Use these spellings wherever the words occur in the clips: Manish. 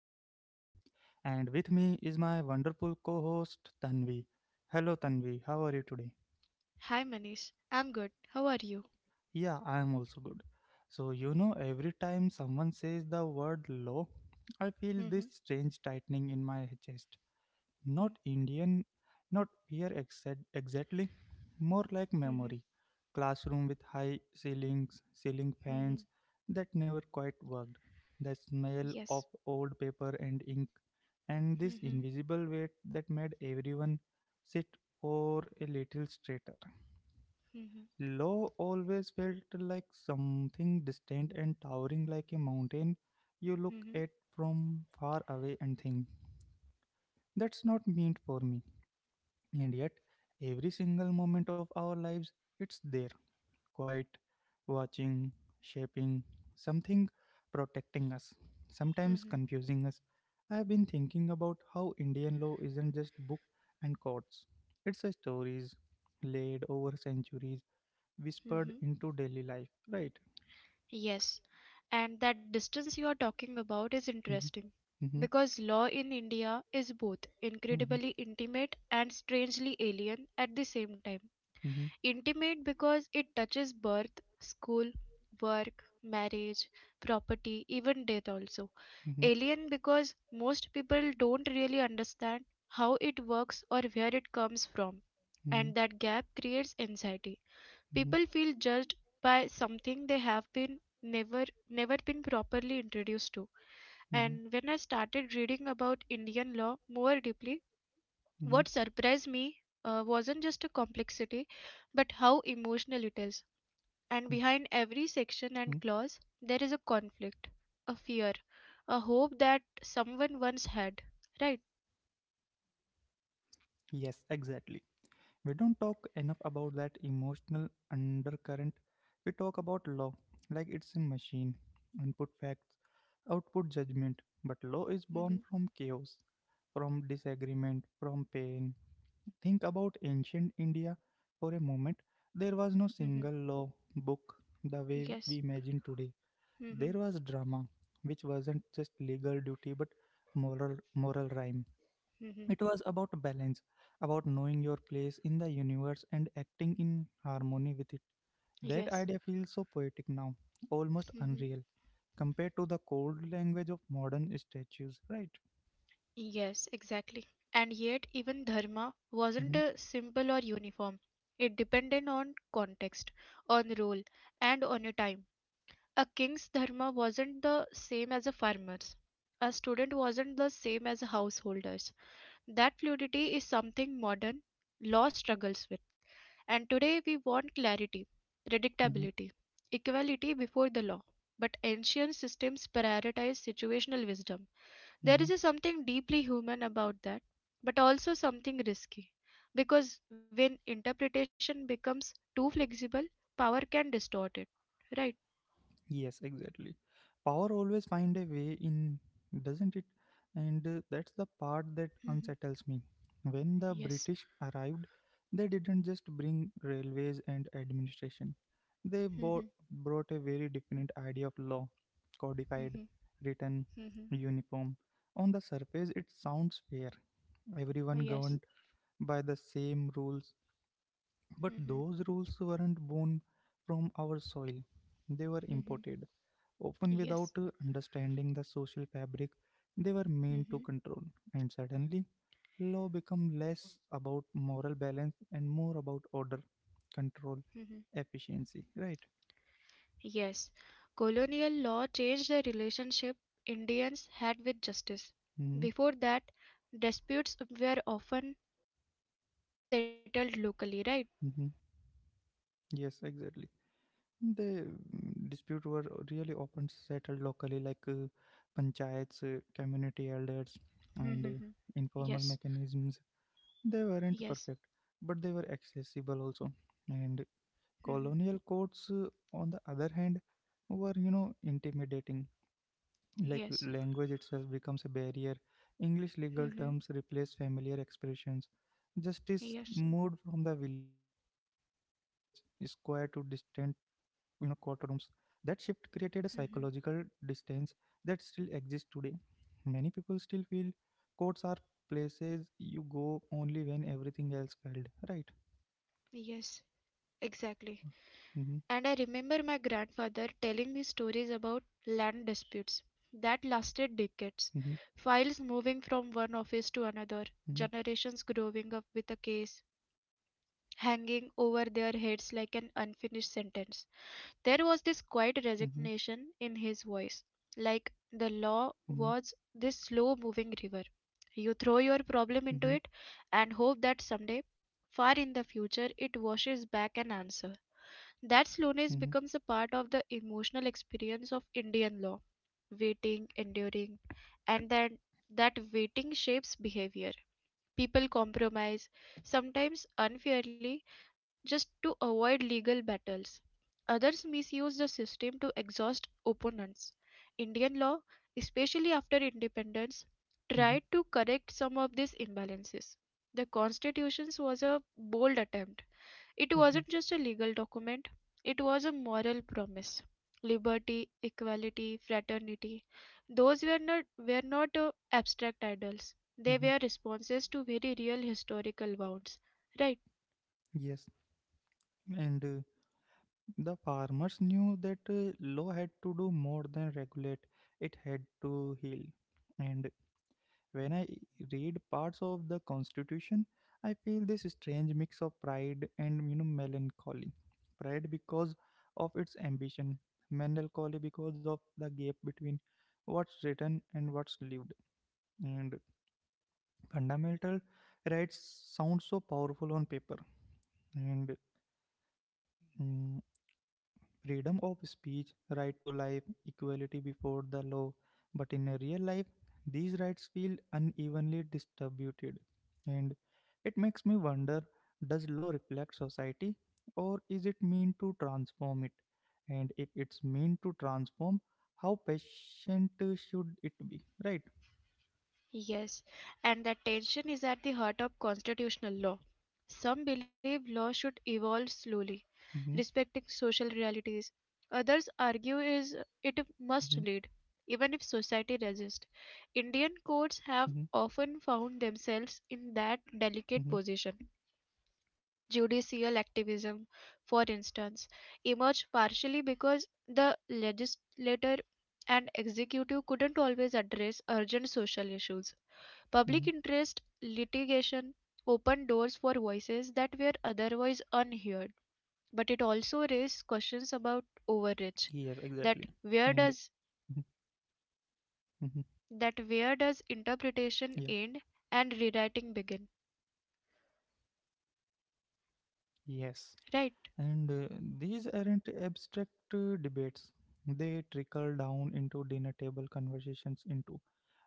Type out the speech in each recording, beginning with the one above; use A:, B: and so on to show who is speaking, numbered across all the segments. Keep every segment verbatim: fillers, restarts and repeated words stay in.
A: law. And with me is my wonderful co host, Tanvi. Hello, Tanvi, how are you today?
B: Hi Manish, I'm good. How are you?
A: Yeah, I am also good. So, you know, every time someone says the word law, I feel this
B: Mhm,
A: strange tightening in my chest.
B: mhm,
A: Not Indian, not here exa- exactly, more like
B: mhm,
A: memory. Classroom with high ceilings, ceiling
B: mhm.
A: fans that never quite worked. The smell
B: Yes.
A: of old paper and ink, and this
B: Mhm,
A: invisible weight that made everyone sit or a little straighter.
B: mhm,
A: Law always felt like something distant and towering like a mountain you look
B: mhm,
A: at from far away and think, that's not meant for me. And yet, every single moment of our lives, it's there, quiet, watching, shaping, something protecting us, sometimes
B: mhm,
A: confusing us. I have been thinking about how Indian law isn't just book and courts. It's a stories laid over centuries, whispered
B: mhm.
A: into daily life, right?
B: Yes. And that distance you are talking about is
A: Mhm,
B: interesting
A: mhm,
B: because law in India is both
A: mhm,
B: incredibly intimate and strangely alien at the same time.
A: mhm,
B: Intimate because it touches birth, school, work, marriage, property, even death also.
A: mhm,
B: Alien because most people don't really understand how it works or where it comes from,
A: mhm, mhm,
B: and that gap creates anxiety. People feel judged by something they have been never never been properly introduced to.
A: mhm,
B: And when I started reading about Indian law more deeply, what
A: mhm,
B: surprised me uh, wasn't just a complexity, but how emotional it
A: mhm,
B: is. And behind
A: mhm.
B: every section and clause, there is a conflict, a fear, a hope that someone once had. Right?
A: Yes, exactly. We don't talk enough about that emotional undercurrent. We talk about law like it's a machine input facts, output judgment. But law is
B: Mm-hmm.
A: born from chaos, from disagreement, from pain. Think about ancient India for a moment. There was no
B: Mm-hmm.
A: single law book the way we
B: Yes.
A: imagine today.
B: Mm-hmm.
A: There was drama, which wasn't just legal duty but moral moral rhyme.
B: Mm-hmm.
A: It was about balance, about knowing your place in the universe and acting in harmony with it. That
B: Yes.
A: idea feels so poetic now, almost
B: Mm-hmm.
A: unreal, compared to the cold language of modern statues, right?
B: Yes, exactly. And yet, even dharma wasn't
A: Mm-hmm,
B: a simple or uniform. It depended on context, on role, and on your time. A king's dharma wasn't the same as a farmer's. A student wasn't the same as a householder's. That fluidity is something modern law struggles with. And today we want clarity,
A: mm-hmm,
B: predictability, equality before the law. But ancient systems prioritize situational wisdom. There
A: mm-hmm.
B: is something deeply human about that, but also something risky. Because when interpretation becomes too flexible, power can distort it. Right?
A: Yes, exactly. Power always find a way in, doesn't it? And uh, that's the part that
B: Mhm.
A: unsettles me when the
B: Yes.
A: British arrived. They didn't just bring railways and administration, they bought,
B: Mhm,
A: brought a very different idea of law, codified,
B: mhm,
A: written,
B: mhm.
A: uniform. On the surface it sounds fair, everyone
B: Yes.
A: governed by the same rules, but
B: Mhm,
A: those rules weren't born from our soil. They were
B: mhm.
A: imported, often without
B: Yes.
A: uh, understanding the social fabric they were meant to
B: Mhm,
A: control. And suddenly, law become less about moral balance and more about order, control,
B: mhm.
A: efficiency. Right?
B: Yes. Colonial law changed the relationship Indians had with justice.
A: hmm
B: Before that, disputes were often settled locally, right?
A: hmm Yes, exactly. The mm, dispute were really often settled locally, like uh, panchayats, uh, community elders, and uh,
B: Mhm,
A: informal
B: Yes.
A: mechanisms. They weren't
B: Yes.
A: perfect, but they were accessible also. And
B: Mhm,
A: colonial codes, uh, on the other hand, were, you know, intimidating. Like
B: Yes.
A: language itself becomes a barrier. English legal
B: Mhm,
A: terms replace familiar expressions. Justice
B: Yes.
A: moved from the village square to distant, you know, courtrooms. That shift created a psychological
B: Mhm,
A: distance that still exists today. Many people still feel courts are places you go only when everything else failed. Right.
B: Yes. Exactly.
A: Mm-hmm,
B: And I remember my grandfather telling me stories about land disputes that
A: mm-hmm,
B: lasted decades, files moving from one office to
A: mm-hmm,
B: another, generations growing up with a case hanging over their heads like an unfinished sentence. There was this quiet
A: mm-hmm,
B: resignation in his voice, like the law
A: mm-hmm,
B: was this slow moving river. You throw your problem into
A: mm-hmm.
B: it and hope that someday, far in the future, it washes back an answer. That slowness
A: Mm-hmm,
B: becomes a part of the emotional experience of Indian law, waiting, enduring, and then that waiting shapes behavior. People compromise, sometimes unfairly, just to avoid legal battles. Others misuse the system to exhaust opponents. Indian law, especially after independence,
A: mm-hmm,
B: tried to correct some of these imbalances. The Constitution was a bold attempt, it
A: mm-hmm,
B: wasn't just a legal document, it was a moral promise. Liberty, equality, fraternity, those were not, were not uh, abstract ideals. They
A: mm-hmm.
B: were responses to very real historical wounds, right?
A: Yes, and uh, the farmers knew that uh, law had to do more than regulate, it had to heal. And when I read parts of the constitution, I feel this strange mix of pride and, you know, melancholy. Pride because of its ambition, melancholy because of the gap between what's written and what's lived. And fundamental rights sound so powerful on paper and, mm, freedom of speech, right to life, equality before the law. But in real life, these rights feel unevenly distributed. And it makes me wonder, does law reflect society or is it meant to transform it? And if it's meant to transform, how patient uh, should it be? Right?
B: Yes, and that tension is at the heart of constitutional law. Some believe law should evolve slowly,
A: Mm-hmm,
B: respecting social realities. Others argue
A: mm-hmm,
B: is it must lead, even if society resists. Indian
A: mm-hmm,
B: courts have often found themselves in that
A: mm-hmm,
B: delicate position. Judicial activism, for instance, emerged partially because the legislator and executive couldn't always address urgent social issues.
A: mm-hmm.
B: Public interest litigation opened doors for voices that were otherwise unheard, but it also raised questions
A: Yes,
B: about
A: exactly.
B: overreach.
A: And
B: That where
A: mhm,
B: does
A: mhm.
B: that where does
A: yeah,
B: interpretation end and rewriting begin?
A: Yes.
B: Right?
A: And uh, these aren't abstract uh, debates. They trickle down into dinner table conversations, into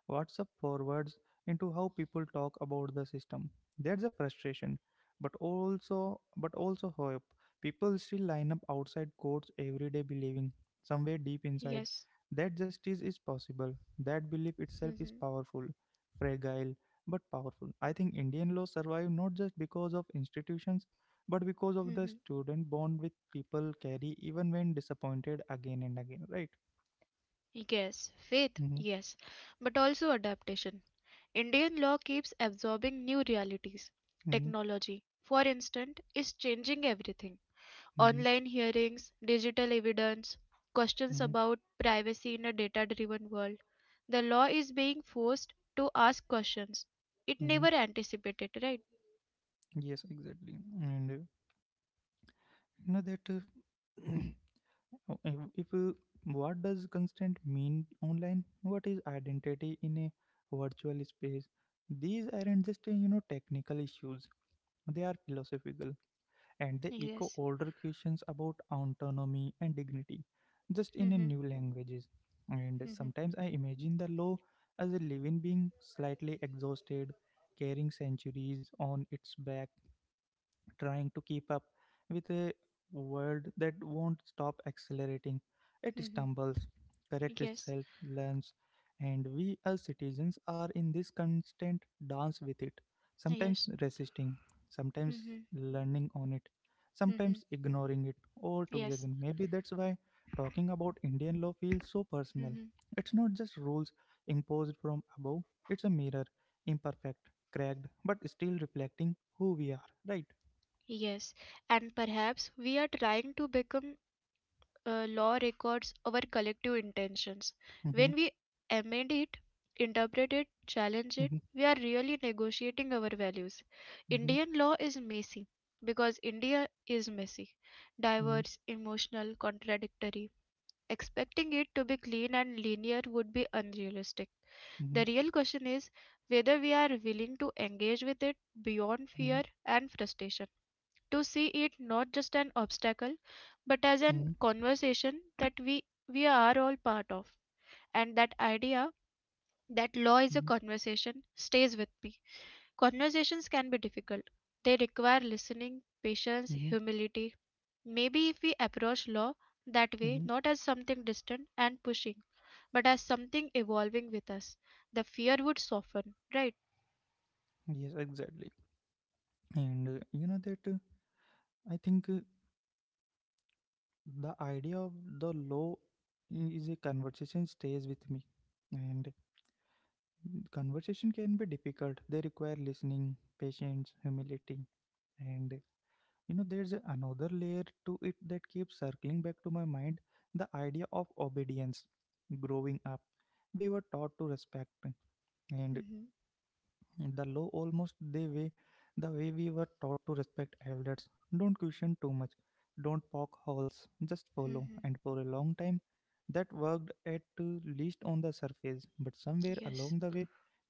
A: WhatsApp forwards, into how people talk about the system. There's a frustration, but also but also hope. People still line up outside courts every day, believing somewhere deep inside
B: Yes.
A: that justice is possible. That belief itself is powerful, fragile but powerful. I think Indian law survived not just because of institutions but because of the student bond with people carry even when disappointed again and again, right?
B: Yes, faith,
A: mm-hmm,
B: yes, but also adaptation. Indian law keeps absorbing new realities.
A: mm-hmm,
B: Technology, for instance, is changing everything.
A: mm-hmm,
B: Online hearings, digital evidence, questions
A: mm-hmm,
B: about privacy in a data driven world. The law is being forced to ask questions. It
A: mm-hmm.
B: never anticipated, right?
A: Yes, exactly. and uh, you know that uh, Oh, if if, uh, what does constant mean online, what is identity in a virtual space? These aren't just uh, you know technical issues, they are philosophical, and they
B: Yes.
A: echo older questions about autonomy and dignity, just in a
B: Mm-hmm.
A: new languages. And
B: Mm-hmm.
A: sometimes I imagine the law as a living being, slightly exhausted, carrying centuries on its back, trying to keep up with a world that won't stop accelerating. It
B: Mm-hmm.
A: stumbles, corrects
B: Yes.
A: itself, learns, and we as citizens are in this constant dance with it, sometimes
B: Yes.
A: resisting, sometimes
B: Mm-hmm.
A: learning on it,
B: Mm-hmm.
A: sometimes ignoring it altogether.
B: Yes.
A: Maybe that's why talking about Indian law feels so personal. It's not just rules imposed from above, it's a mirror, imperfect, cracked, but still reflecting who we are, right?
B: Yes, and perhaps we are trying to become, uh, law records our collective intentions.
A: Mhm,
B: When we amend it, interpret it, challenge it,
A: mhm,
B: we are really negotiating our values.
A: mhm,
B: Indian law is messy because India is messy,
A: mhm,
B: diverse, emotional, contradictory. Expecting it to be clean and linear would be unrealistic.
A: mhm,
B: The real question is whether we are willing to engage with it beyond
A: mhm,
B: fear and frustration, to see it not just an obstacle but as an
A: mhm,
B: conversation that we we are all part of. And that idea, that law is a
A: mhm,
B: conversation, stays with me. Conversations can be difficult, they require listening, patience,
A: mhm,
B: humility. Maybe if we approach law that way,
A: mhm.
B: not as something distant and pushing but as something evolving with us, the fear would soften, right?
A: Yes, exactly. And uh, you know that uh, I think uh, The idea of the law is a conversation stays with me. And conversation can be difficult. They require listening, patience, humility. And uh, You know, there's another layer to it that keeps circling back to my mind, the idea of obedience. Growing up, we were taught to respect. And
B: mm-hmm.
A: the law, almost the way the way we were taught to respect elders, don't question too much, don't poke holes, just follow.
B: Mm-hmm.
A: And for a long time that worked, at uh, least on the surface, but somewhere
B: Yes.
A: along the way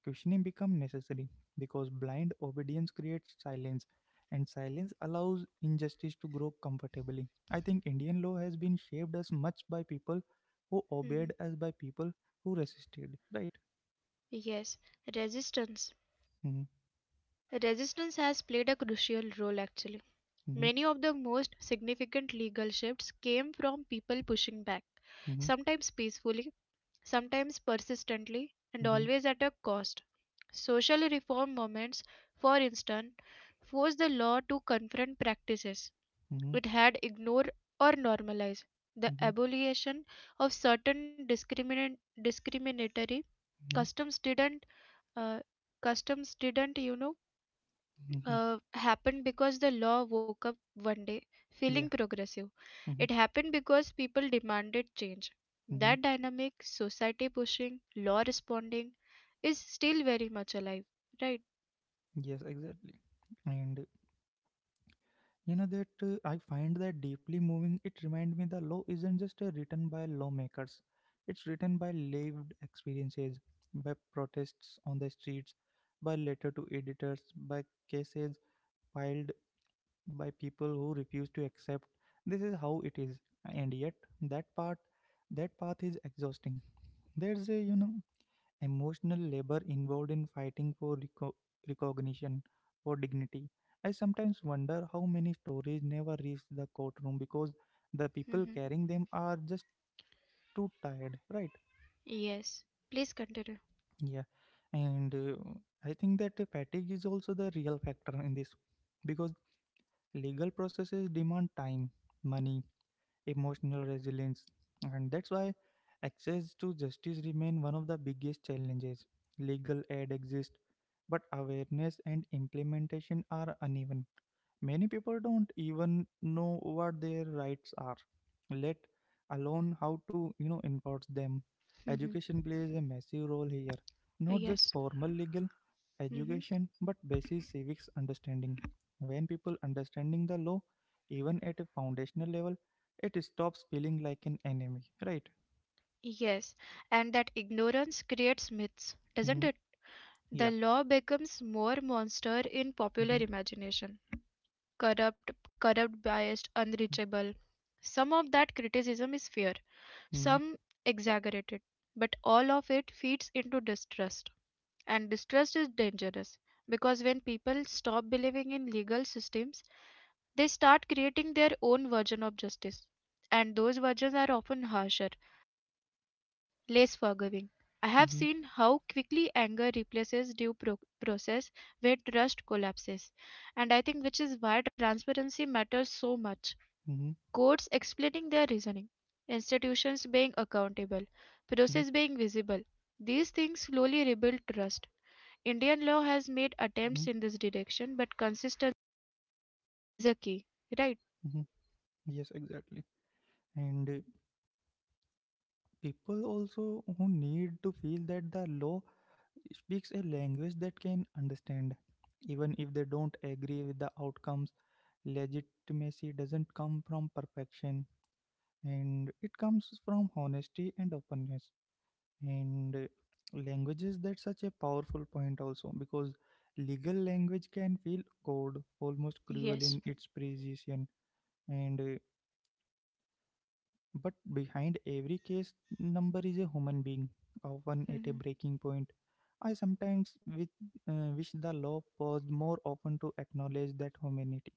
A: questioning become necessary, because blind obedience creates silence and silence allows injustice to grow comfortably. I think Indian law has been shaped as much by people who obeyed
B: mm-hmm.
A: as by people who resisted, right?
B: Yes. Resistance.
A: mm-hmm,
B: Resistance has played a crucial role actually.
A: mm-hmm,
B: Many of the most significant legal shifts came from people pushing back,
A: mm-hmm,
B: sometimes peacefully, sometimes persistently, and
A: mm-hmm.
B: always at a cost. Social reform movements, for instance, forced the law to confront practices
A: Mm-hmm.
B: it had ignored or normalized. The abolition of certain discriminant discriminatory
A: Mm-hmm,
B: customs didn't uh, customs didn't, you know
A: mm-hmm, hmm
B: uh, happened because the law woke up one day feeling
A: Yeah.
B: progressive.
A: Mm-hmm,
B: It happened because people demanded change.
A: mm-hmm.
B: That dynamic, society pushing, law responding, is still very much alive, right?
A: Yes, exactly. And you know that uh, I find that deeply moving. It reminds me the law isn't just uh, written by lawmakers; it's written by lived experiences, by protests on the streets, by letter to editors, by cases filed by people who refuse to accept. This is how it is, and yet that part, that path is exhausting. There's a, you know, emotional labor involved in fighting for reco- recognition or dignity. I sometimes wonder how many stories never reach the courtroom because the people
B: hmm
A: carrying them are just too tired, right?
B: Yes. Please continue.
A: Yeah, and uh, I think that uh, fatigue is also the real factor in this, because legal processes demand time, money, emotional resilience. And that's why access to justice remain one of the biggest challenges. Legal aid exists, but awareness and implementation are uneven. Many people don't even know what their rights are, let alone how to, you know, enforce them.
B: hmm
A: Education plays a massive role here, not just
B: Yes.
A: formal legal
B: hmm
A: education, but basic civics understanding. When people understanding the law, even at a foundational level, it stops feeling like an enemy, right?
B: Yes. And that ignorance creates myths, doesn't
A: hmm
B: it? The
A: Yeah.
B: law becomes more monster in popular
A: hmm
B: imagination. Corrupt, corrupt, biased, unreachable. Some of that criticism is fair,
A: hmm
B: some exaggerated, but all of it feeds into distrust. And distrust is dangerous because when people stop believing in legal systems, they start creating their own version of justice. And those versions are often harsher, less forgiving. I have
A: hmm
B: seen how quickly anger replaces due pro- process where trust collapses. And I think which is why transparency matters so much,
A: hmm
B: courts explaining their reasoning, institutions being
A: hmm
B: accountable, process being visible. These things slowly rebuild trust. Indian law has made
A: hmm
B: attempts in this direction, but consistency is a key, right?
A: hmm Yes, exactly. And uh, people also who need to feel that the law speaks a language that can understand, even if they don't agree with the outcomes. Legitimacy doesn't come from perfection, and it comes from honesty and openness. And uh, language is that such a powerful point also, because legal language can feel cold, almost cruel
B: Yes.
A: in its precision. And uh, But behind every case number is a human being, often at
B: Mm-hmm.
A: a breaking point. I sometimes with, uh, wish the law paused more often to acknowledge that humanity,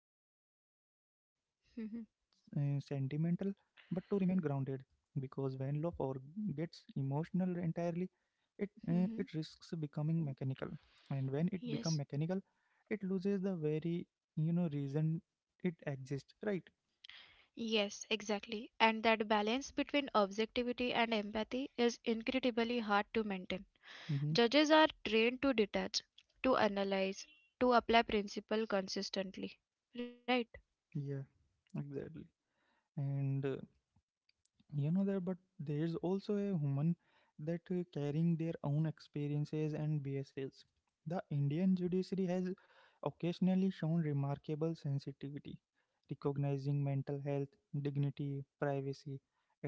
A: not to become uh,
B: Mm-hmm.
A: sentimental but to remain grounded, because when law forgets emotional entirely, it uh, it
B: Mm-hmm.
A: risks becoming mechanical, and when it become
B: Yes.
A: mechanical it loses the very, you know, reason it exists, right?
B: Yes, exactly. And that balance between objectivity and empathy is incredibly hard to maintain.
A: mm-hmm.
B: Judges are trained to detach, to analyze, to apply principle consistently. Right?
A: Yeah, exactly. And uh, you know there, but there's also a woman that uh, carrying their own experiences and biases. The Indian judiciary has occasionally shown remarkable sensitivity, recognizing mental health, dignity, privacy.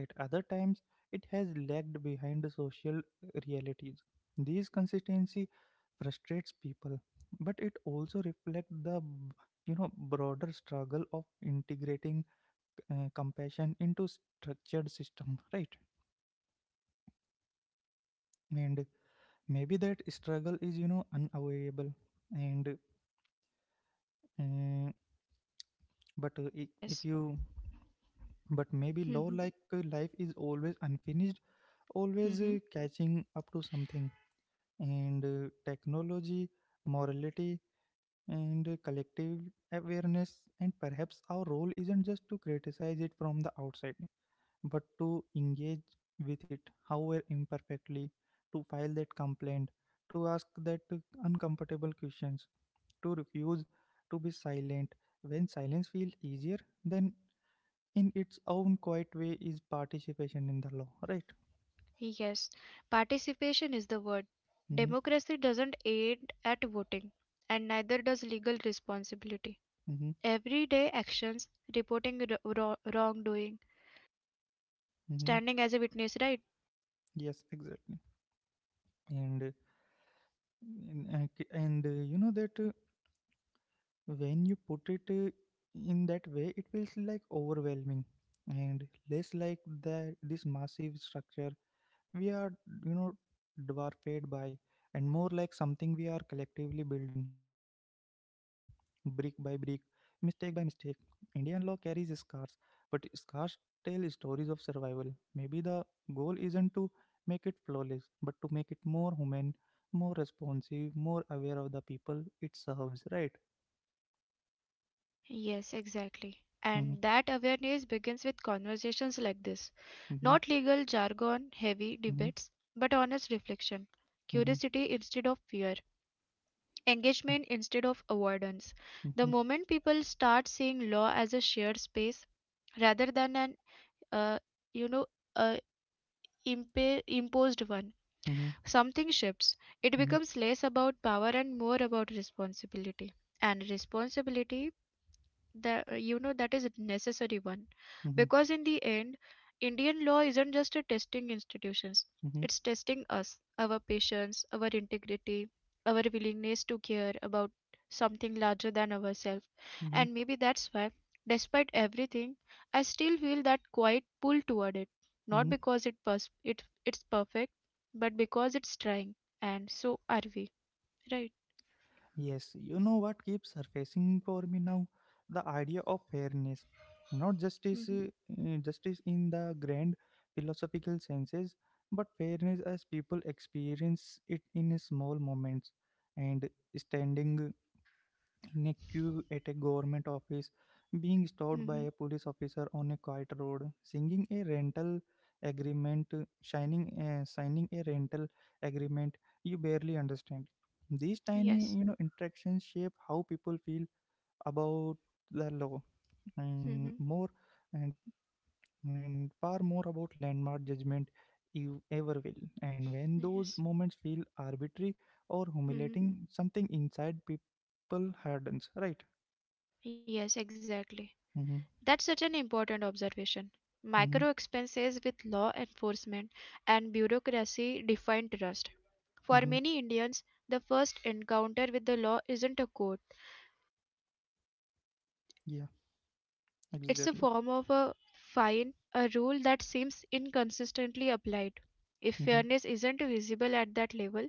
A: At other times it has lagged behind the social uh, realities. This consistency frustrates people, but it also reflects the, you know, broader struggle of integrating uh, compassion into structured system, right? and Maybe that struggle is, you know, unavoidable. And uh, but uh, I-
B: Yes.
A: if you But maybe law, like uh, life, is always unfinished, always
B: hmm
A: uh, catching up to something, and uh, technology, morality, and uh, collective awareness. And perhaps our role isn't just to criticize it from the outside but to engage with it, however imperfectly, to file that complaint, to ask that uncomfortable questions, to refuse to be silent. When silence feels easier, then in its own quiet way is participation in the law, right?
B: Yes, participation is the word.
A: Mm-hmm,
B: Democracy doesn't aid at voting, and neither does legal responsibility.
A: mm-hmm,
B: Everyday actions, reporting wro- wro- wrongdoing,
A: mm-hmm.
B: standing as a witness, right?
A: Yes, exactly. And uh, and, uh, k- and uh, you know that uh, When you put it uh, in that way, it feels like overwhelming and less like the this massive structure we are you know dwarfed by, and more like something we are collectively building brick by brick, mistake by mistake. Indian law carries scars, but scars tell stories of survival. Maybe the goal isn't to make it flawless, but to make it more human, more responsive, more aware of the people it serves, right?
B: Yes, exactly.
A: Mm-hmm,
B: And that awareness begins with conversations like this,
A: mm-hmm,
B: not legal jargon, heavy debates, but honest reflection,
A: mm-hmm,
B: curiosity instead of fear, engagement instead of avoidance.
A: mm-hmm,
B: The
A: mm-hmm,
B: moment people start seeing law as a shared space, rather than an, uh, you know uh, impa- imposed one,
A: mm-hmm,
B: something shifts. It
A: mm-hmm,
B: becomes less about power and more about responsibility. And responsibility, that you know that is a necessary one.
A: mm-hmm,
B: Because in the end, Indian law isn't just a testing institutions,
A: mm-hmm,
B: it's testing us, our patience, our integrity, our willingness to care about something larger than ourselves.
A: mm-hmm,
B: And maybe that's why, despite everything, I still feel that quiet pull toward it, not
A: mm-hmm.
B: because it, pers- it it's perfect but because it's trying, and so are we, right?
A: Yes, you know what keeps surfacing for me now? The idea of fairness. Not justice,
B: mm-hmm.
A: uh, uh, justice in the grand philosophical senses, but fairness as people experience it in small moments. And standing in a queue at a government office, being stopped
B: Mm-hmm.
A: by a police officer on a quiet road, singing a rental agreement, shining, uh, signing a rental agreement you barely understand. These tiny, you
B: Yes.
A: know, interactions shape how people feel about the law, and
B: mm-hmm.
A: more and, and far more about landmark judgment you ever will. And when those
B: Yes.
A: moments feel arbitrary or
B: mm-hmm.
A: humiliating, something inside people hardens, right?
B: Yes, exactly.
A: Mm-hmm.
B: That's such an important observation.
A: Mm-hmm.
B: Micro expenses with law enforcement and bureaucracy define trust. For
A: Mm-hmm.
B: many Indians, the first encounter with the law isn't a court,
A: Yeah,
B: it's a
A: exactly.
B: form of a fine, a rule that seems inconsistently applied. If
A: Mm-hmm.
B: fairness isn't visible at that level,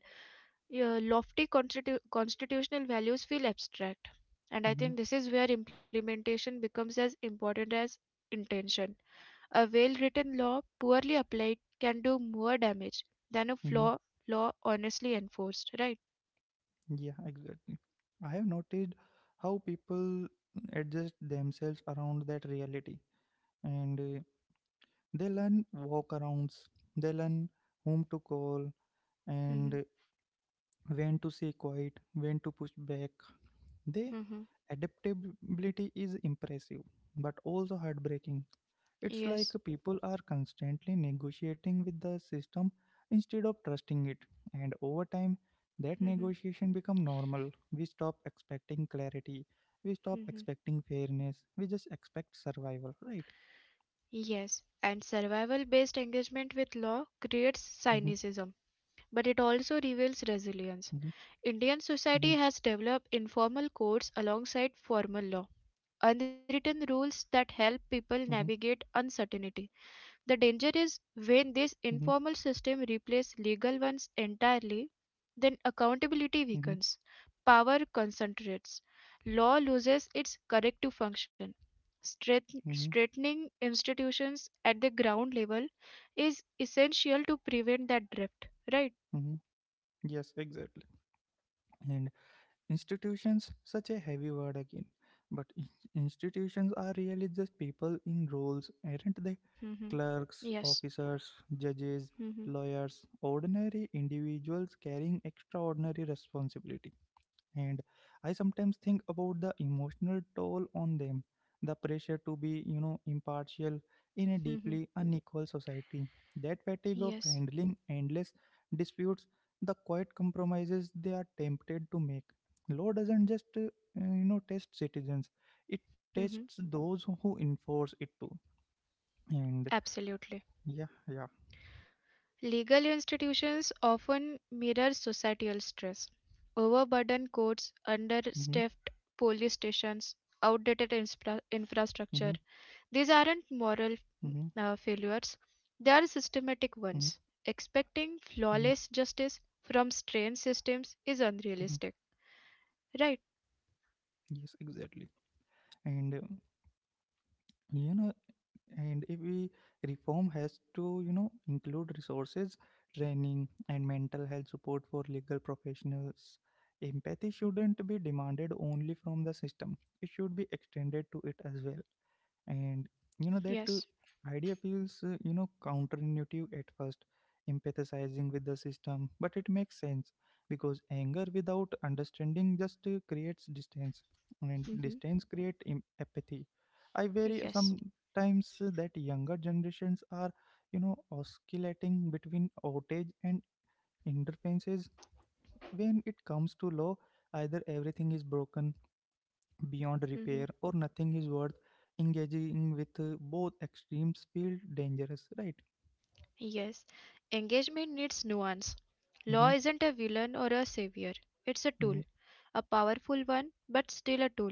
B: uh, lofty constitu- constitutional values feel abstract. And
A: Mm-hmm.
B: I think this is where implementation becomes as important as intention. A well-written law, poorly applied, can do more damage than a
A: Mm-hmm.
B: flaw law honestly enforced, right?
A: Yeah, exactly. I have noticed how people adjust themselves around that reality, and uh, they learn walkarounds, they learn whom to call, and
B: Mm-hmm.
A: uh, when to stay quiet, when to push back. They
B: Mm-hmm.
A: adaptability is impressive but also heartbreaking. It's like
B: Yes.
A: people are constantly negotiating with the system instead of trusting it. And over time, that
B: Mm-hmm.
A: negotiation become normal. We stop expecting clarity. We stop
B: Mm-hmm.
A: expecting fairness. We just expect survival, right?
B: Yes, and survival based engagement with
A: Mm-hmm,
B: law creates cynicism, but it also
A: mm-hmm,
B: reveals resilience.
A: mm-hmm,
B: Indian society has developed informal codes alongside formal law, unwritten rules that help people navigate uncertainty. The danger is when
A: mm-hmm, mm-hmm,
B: this informal system replaces legal ones entirely, then accountability
A: mm-hmm,
B: weakens, power concentrates, law loses its corrective function. Strength-
A: mm-hmm,
B: Strengthening institutions at the ground level is essential to prevent that drift, right?
A: mm-hmm. Yes, exactly. And institutions, such a heavy word again. But in- institutions are really just people in roles, aren't they?
B: hmm
A: Clerks,
B: Yes.
A: officers, judges,
B: hmm
A: lawyers, ordinary individuals carrying extraordinary responsibility. And I sometimes think about the emotional toll on them, the pressure to be, you know, impartial in a
B: hmm
A: deeply unequal society. That fatigue of
B: Yes.
A: handling endless disputes, the quiet compromises they are tempted to make. Law doesn't just, uh, you know, test citizens; it
B: hmm
A: tests those who enforce it too. And
B: Absolutely.
A: yeah, yeah.
B: Legal institutions often mirror societal stress. Overburdened
A: Mhm,
B: courts, understaffed police stations, outdated infra-
A: mhm,
B: infrastructure. These aren't
A: mhm,
B: moral uh, failures, they are
A: mhm,
B: systematic ones. Expecting
A: mhm,
B: flawless justice from strained systems is
A: mhm.
B: unrealistic. Right?
A: Yes, exactly. And uh, you know, and if we reform has to, you know, include resources, training, and mental health support for legal professionals. Empathy shouldn't be demanded only from the system; it should be extended to it as well. And you know that uh,
B: Yes.
A: Idea feels uh, you know counterintuitive at first, empathizing with the system, but it makes sense because anger without understanding just uh, creates distance, and
B: hmm
A: distance create im- apathy. I worry
B: Yes.
A: sometimes uh, that younger generations are you know oscillating between outrage and interferences when it comes to law, either everything is broken beyond
B: hmm
A: repair or nothing is worth engaging with. Uh, both extremes feel dangerous, right?
B: Yes, engagement needs nuance. Law
A: Mm-hmm,
B: isn't a villain or a savior, it's a tool,
A: mm-hmm,
B: a powerful one, but still a tool.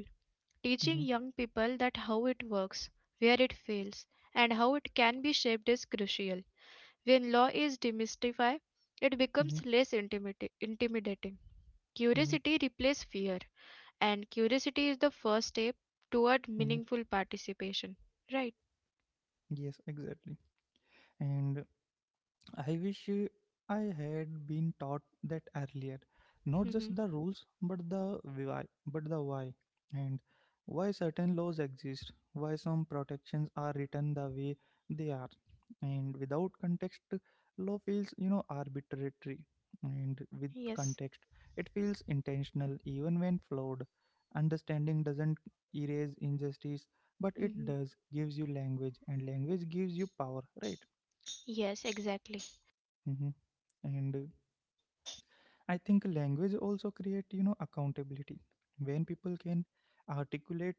A: mm-hmm,
B: Teaching young people that how it works, where it fails, and how it can be shaped is crucial. When law is demystified, it
A: mm-hmm,
B: becomes less intimida- intimidating.
A: mm-hmm,
B: Curiosity replaces fear, and curiosity is the first step toward
A: mm-hmm.
B: meaningful participation. Right?
A: Yes, exactly. And I wish uh, I had been taught that earlier. Not just
B: hmm
A: the rules, but the why, but the why, and why certain laws exist, why some protections are written the way they are, and without context, law feels you know arbitrary, and with
B: Yes.
A: context, it feels intentional, even when flawed. Understanding doesn't erase injustice, but it
B: hmm
A: does gives you language, and language gives you power, right?
B: Yes, exactly.
A: Hmm. And uh, I think language also create you know accountability. When people can articulate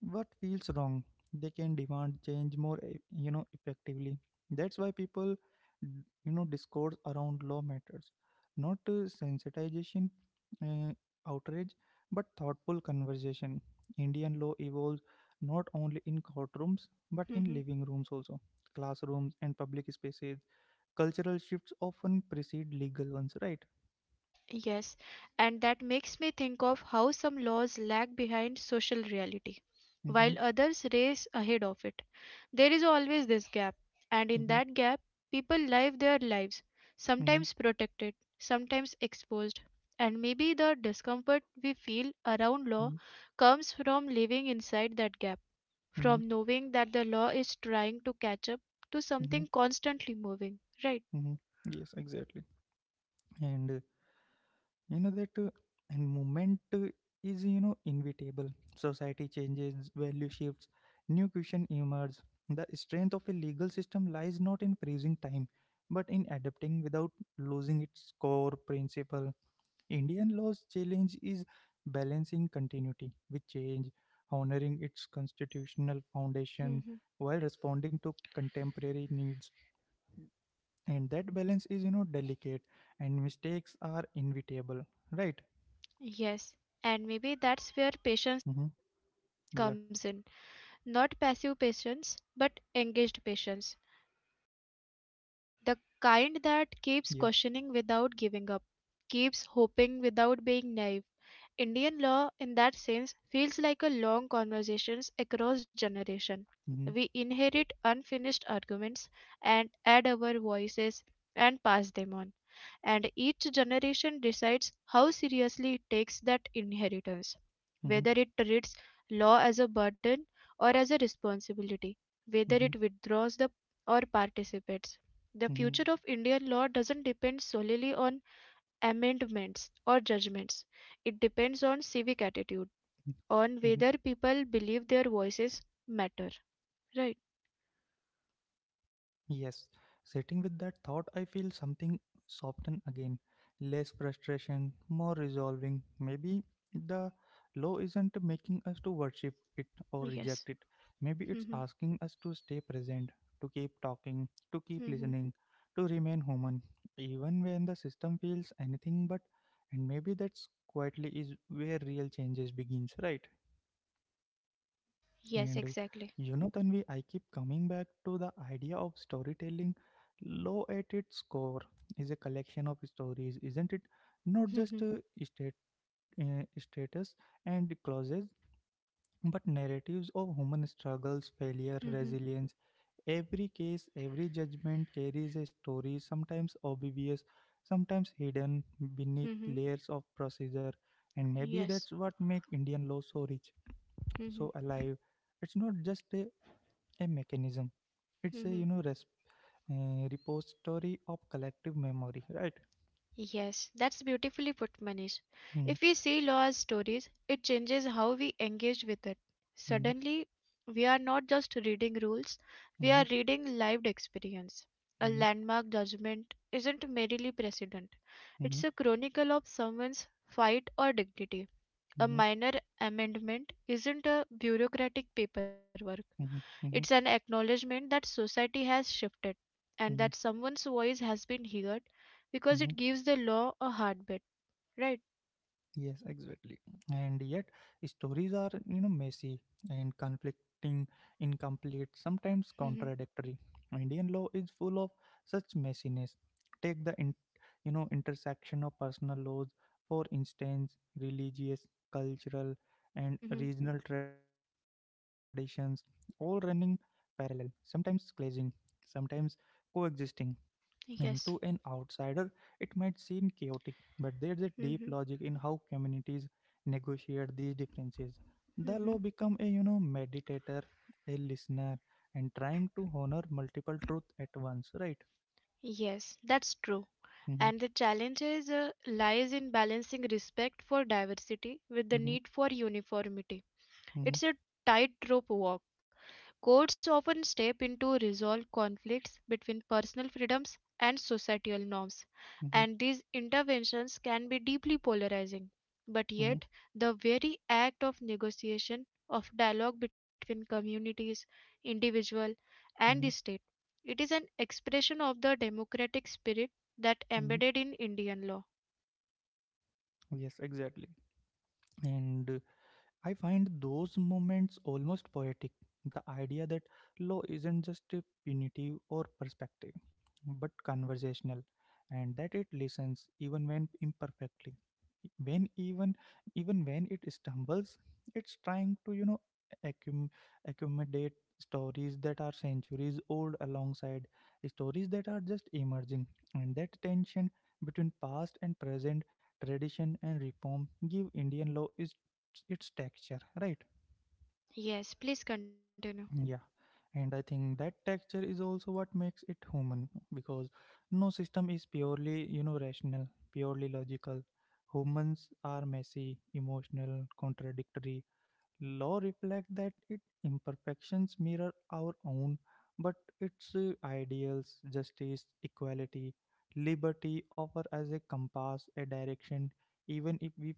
A: what feels wrong, they can demand change more e- you know effectively. That's why people d- you know discourse around law matters, not uh, sensitization, uh, outrage, but thoughtful conversation. Indian law evolves not only in courtrooms but in
B: Mhm.
A: living rooms also, classrooms and public spaces. Cultural shifts often precede legal ones, right?
B: Yes, and that makes me think of how some laws lag behind social reality,
A: Mm-hmm.
B: while others race ahead of it. There is always this gap, and in
A: Mhm,
B: that gap, people live their lives,
A: mhm,
B: sometimes protected, sometimes exposed. And maybe the discomfort we feel around law
A: mhm,
B: comes from living inside that gap,
A: mhm,
B: from knowing that the law is trying to catch up to
A: mhm,
B: something constantly moving, right?
A: mhm. Yes, exactly. And uh, you know that uh, and movement uh, is you know inevitable. Society changes, value shifts, new question emerge. The strength of a legal system lies not in freezing time, but in adapting without losing its core principle. Indian law's challenge is balancing continuity with change, honoring its constitutional foundation
B: Mm-hmm.
A: while responding to contemporary needs, and that balance is you know delicate and mistakes are inevitable, right?
B: Yes, and maybe that's where patience
A: Mm-hmm. Yeah,
B: comes in. Not passive patience, but engaged patience. The kind that keeps
A: yeah.
B: questioning without giving up, keeps hoping without being naive. Indian law, in that sense, feels like a long conversations across generation.
A: Mm-hmm.
B: We inherit unfinished arguments and add our voices and pass them on. And each generation decides how seriously it takes that inheritance,
A: Mm-hmm.
B: whether it treats law as a burden or as a responsibility, whether it
A: Mm-hmm.
B: withdraws the or participates. The
A: Mm-hmm.
B: future of Indian law doesn't depend solely on amendments or judgments. It depends on civic attitude,
A: Mm-hmm. Mm-hmm.
B: on whether people believe their voices matter. Right?
A: Yes, sitting with that thought, I feel something soften again. Less frustration, more resolving. Maybe the law isn't making us to worship it or
B: Yes.
A: reject it. Maybe it's
B: Mhm.
A: asking us to stay present, to keep talking, to keep
B: Mhm.
A: listening, to remain human, even when the system feels anything but. And maybe that's quietly is where real changes begins, right?
B: Yes,
A: And uh,
B: exactly.
A: you know, Tanvi, I keep coming back to the idea of storytelling. Law at its core is a collection of stories, isn't it? Not just
B: Mhm.
A: uh, state, uh, status and clauses, but narratives of human struggles, failure,
B: Mhm.
A: resilience. Every case, every judgment carries a story, sometimes obvious, sometimes hidden beneath
B: Mhm.
A: layers of procedure. And maybe that's
B: Yes.
A: what makes Indian law so rich,
B: Mhm.
A: so alive. It's not just a a mechanism. It's a you
B: Mhm.
A: know resp- uh, repository of collective memory, right?
B: Yes, that's beautifully put, Manish.
A: Mm,
B: If we see law as stories, it changes how we engage with it.
A: mm,
B: Suddenly, we are not just reading rules, we are
A: mm,
B: reading lived experience. A
A: mm,
B: landmark judgment isn't merely precedent,
A: mm,
B: it's a chronicle of someone's fight or dignity. A
A: mm,
B: minor amendment isn't a bureaucratic paperwork. It's an
A: mm,
B: acknowledgement that society has shifted and
A: mm,
B: that
A: mm,
B: someone's voice has been heard because
A: mm.
B: it gives the law a heartbeat, right?
A: Yes, exactly. And yet, stories are, you know, messy and conflicting, incomplete, sometimes
B: Hmm.
A: contradictory. Indian law is full of such messiness. Take the, in, you know, intersection of personal laws, for instance, religious, cultural, and
B: Hmm.
A: regional traditions, all running parallel, sometimes clashing, sometimes coexisting. And to an
B: Yes.
A: outsider, it might seem chaotic, but there's a deep
B: Hmm.
A: logic in how communities negotiate these differences. The
B: Hmm.
A: law become a you know meditator, a listener, and trying to honor multiple truth at once, right?
B: Yes, that's true.
A: Mm-hmm,
B: And the challenge is, uh, lies in balancing respect for diversity with the
A: mm-hmm,
B: need for uniformity.
A: mm-hmm,
B: It's a tightrope walk. Courts often step in to resolve conflicts between personal freedoms and societal norms,
A: mm-hmm,
B: and these interventions can be deeply polarizing. But
A: mm-hmm,
B: yet, the very act of negotiation, of dialogue between communities, individual, and the
A: mm-hmm,
B: state, it is an expression of the democratic spirit that
A: mm-hmm.
B: embedded in Indian law.
A: Yes, exactly. And uh, I find those moments almost poetic. The idea that law isn't just a punitive or perspective, but conversational, and that it listens even when imperfectly. When even even when it stumbles, it's trying to you know accum- accommodate stories that are centuries old alongside stories that are just emerging, and that tension between past and present, tradition and reform, give Indian law its its texture, right?
B: Yes, please continue.
A: Yeah, and I think that texture is also what makes it human, because no system is purely you know rational, purely logical. Humans are messy, emotional, contradictory. Law reflects that. It imperfections mirror our own, but its uh, ideals, justice, equality, liberty offer as a compass, a direction, even if we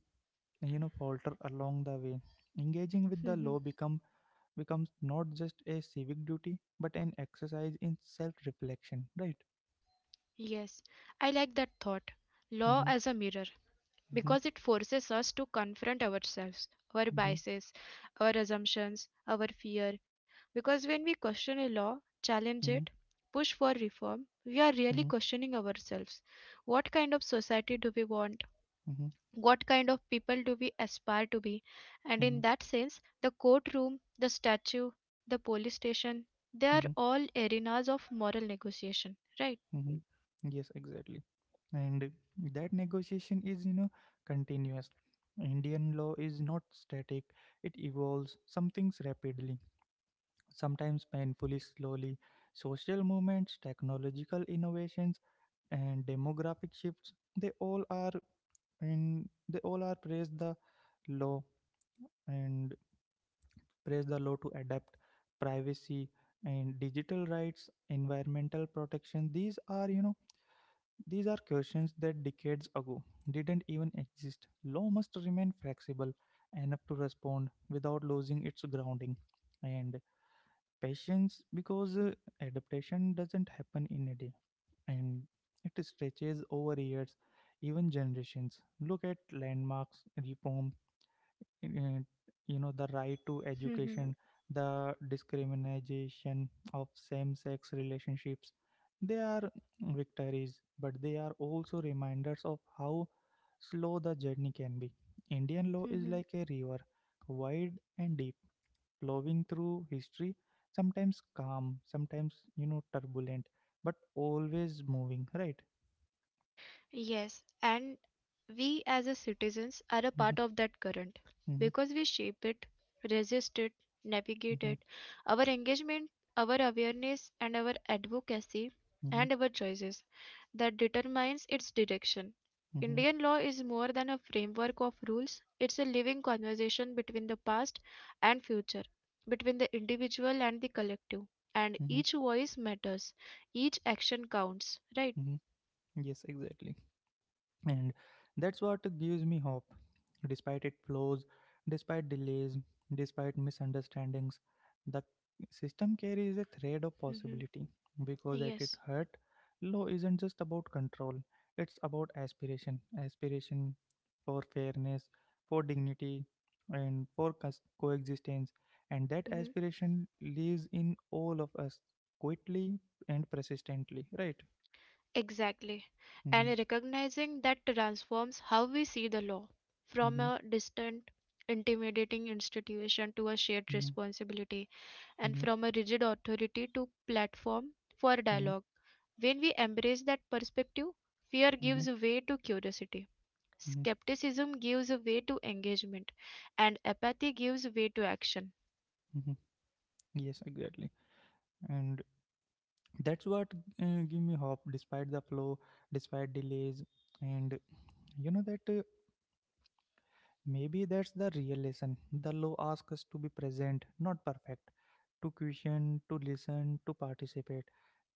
A: you know falter along the way. Engaging with the law become becomes not just a civic duty but an exercise in self reflection, right?
B: Yes, I like that thought. Law
A: Mm-hmm,
B: as a mirror,
A: mm-hmm,
B: because it forces us to confront ourselves, our
A: mm-hmm,
B: biases, our assumptions, our fear. Because when we question a law, challenge
A: mm-hmm,
B: it, push for reform, we are really
A: mm-hmm,
B: questioning ourselves. What kind of society do we want? What kind of people do we aspire to be?
A: mm-hmm,
B: And
A: mm-hmm,
B: in that sense, the courtroom, the statue, the police station, they are
A: mm-hmm,
B: all arenas of moral negotiation, right?
A: mm-hmm. Yes, exactly. And that negotiation is, you know, continuous. Indian law is not static, it evolves, some things rapidly, sometimes painfully slowly. Social movements, technological innovations, and demographic shifts, they all are and they all are praise the law and praise the law to adapt. Privacy and digital rights, environmental protection, these are you know these are questions that decades ago didn't even exist. Law must remain flexible enough to respond without losing its grounding, and patience, because uh, adaptation doesn't happen in a day, and it stretches over years, even generations. Look at landmarks, reform, uh, you know, the right to education, the discrimination of same sex relationships. They are victories, but they are also reminders of how slow the journey can be. Indian law is like a river, wide and deep, flowing through history, sometimes calm, sometimes, you know, turbulent, but always moving, right?
B: Yes, and we as a citizens are a
A: Mm-hmm,
B: part of that current
A: mm-hmm,
B: because we shape it, resist it, navigate it. Our engagement, our awareness and our advocacy
A: mm-hmm, mm-hmm,
B: and our choices that determines its direction.
A: mm-hmm,
B: Indian law is more than a framework of rules, it's a living conversation between the past and future, between the individual and the collective. And
A: mm-hmm,
B: each voice matters, each action counts, right?
A: mm-hmm. Yes, exactly. And that's what gives me hope. Despite its flaws, despite delays, despite misunderstandings, the system carries a thread of
B: Hmm.
A: possibility, because at its
B: Yes.
A: heart, law isn't just about control, it's about aspiration, aspiration for fairness, for dignity, and for cos- coexistence, and that
B: Mm-hmm.
A: aspiration lives in all of us, quietly and persistently, right?
B: Exactly. And
A: Mm-hmm,
B: recognizing that transforms how we see the law from
A: mm-hmm,
B: a distant, intimidating institution to a shared
A: mm-hmm,
B: responsibility, and
A: mm-hmm,
B: from a rigid authority to platform for
A: mm-hmm.
B: dialogue. When we embrace that perspective, fear
A: Mm-hmm.
B: gives way to curiosity.
A: Mhm,
B: Skepticism gives way to engagement, and apathy gives way to action.
A: mhm. Yes, exactly. And that's what uh, give me hope despite the flow, despite delays. And you know that uh, Maybe that's the real lesson. The law asks us to be present, not perfect, to question, to listen, to participate,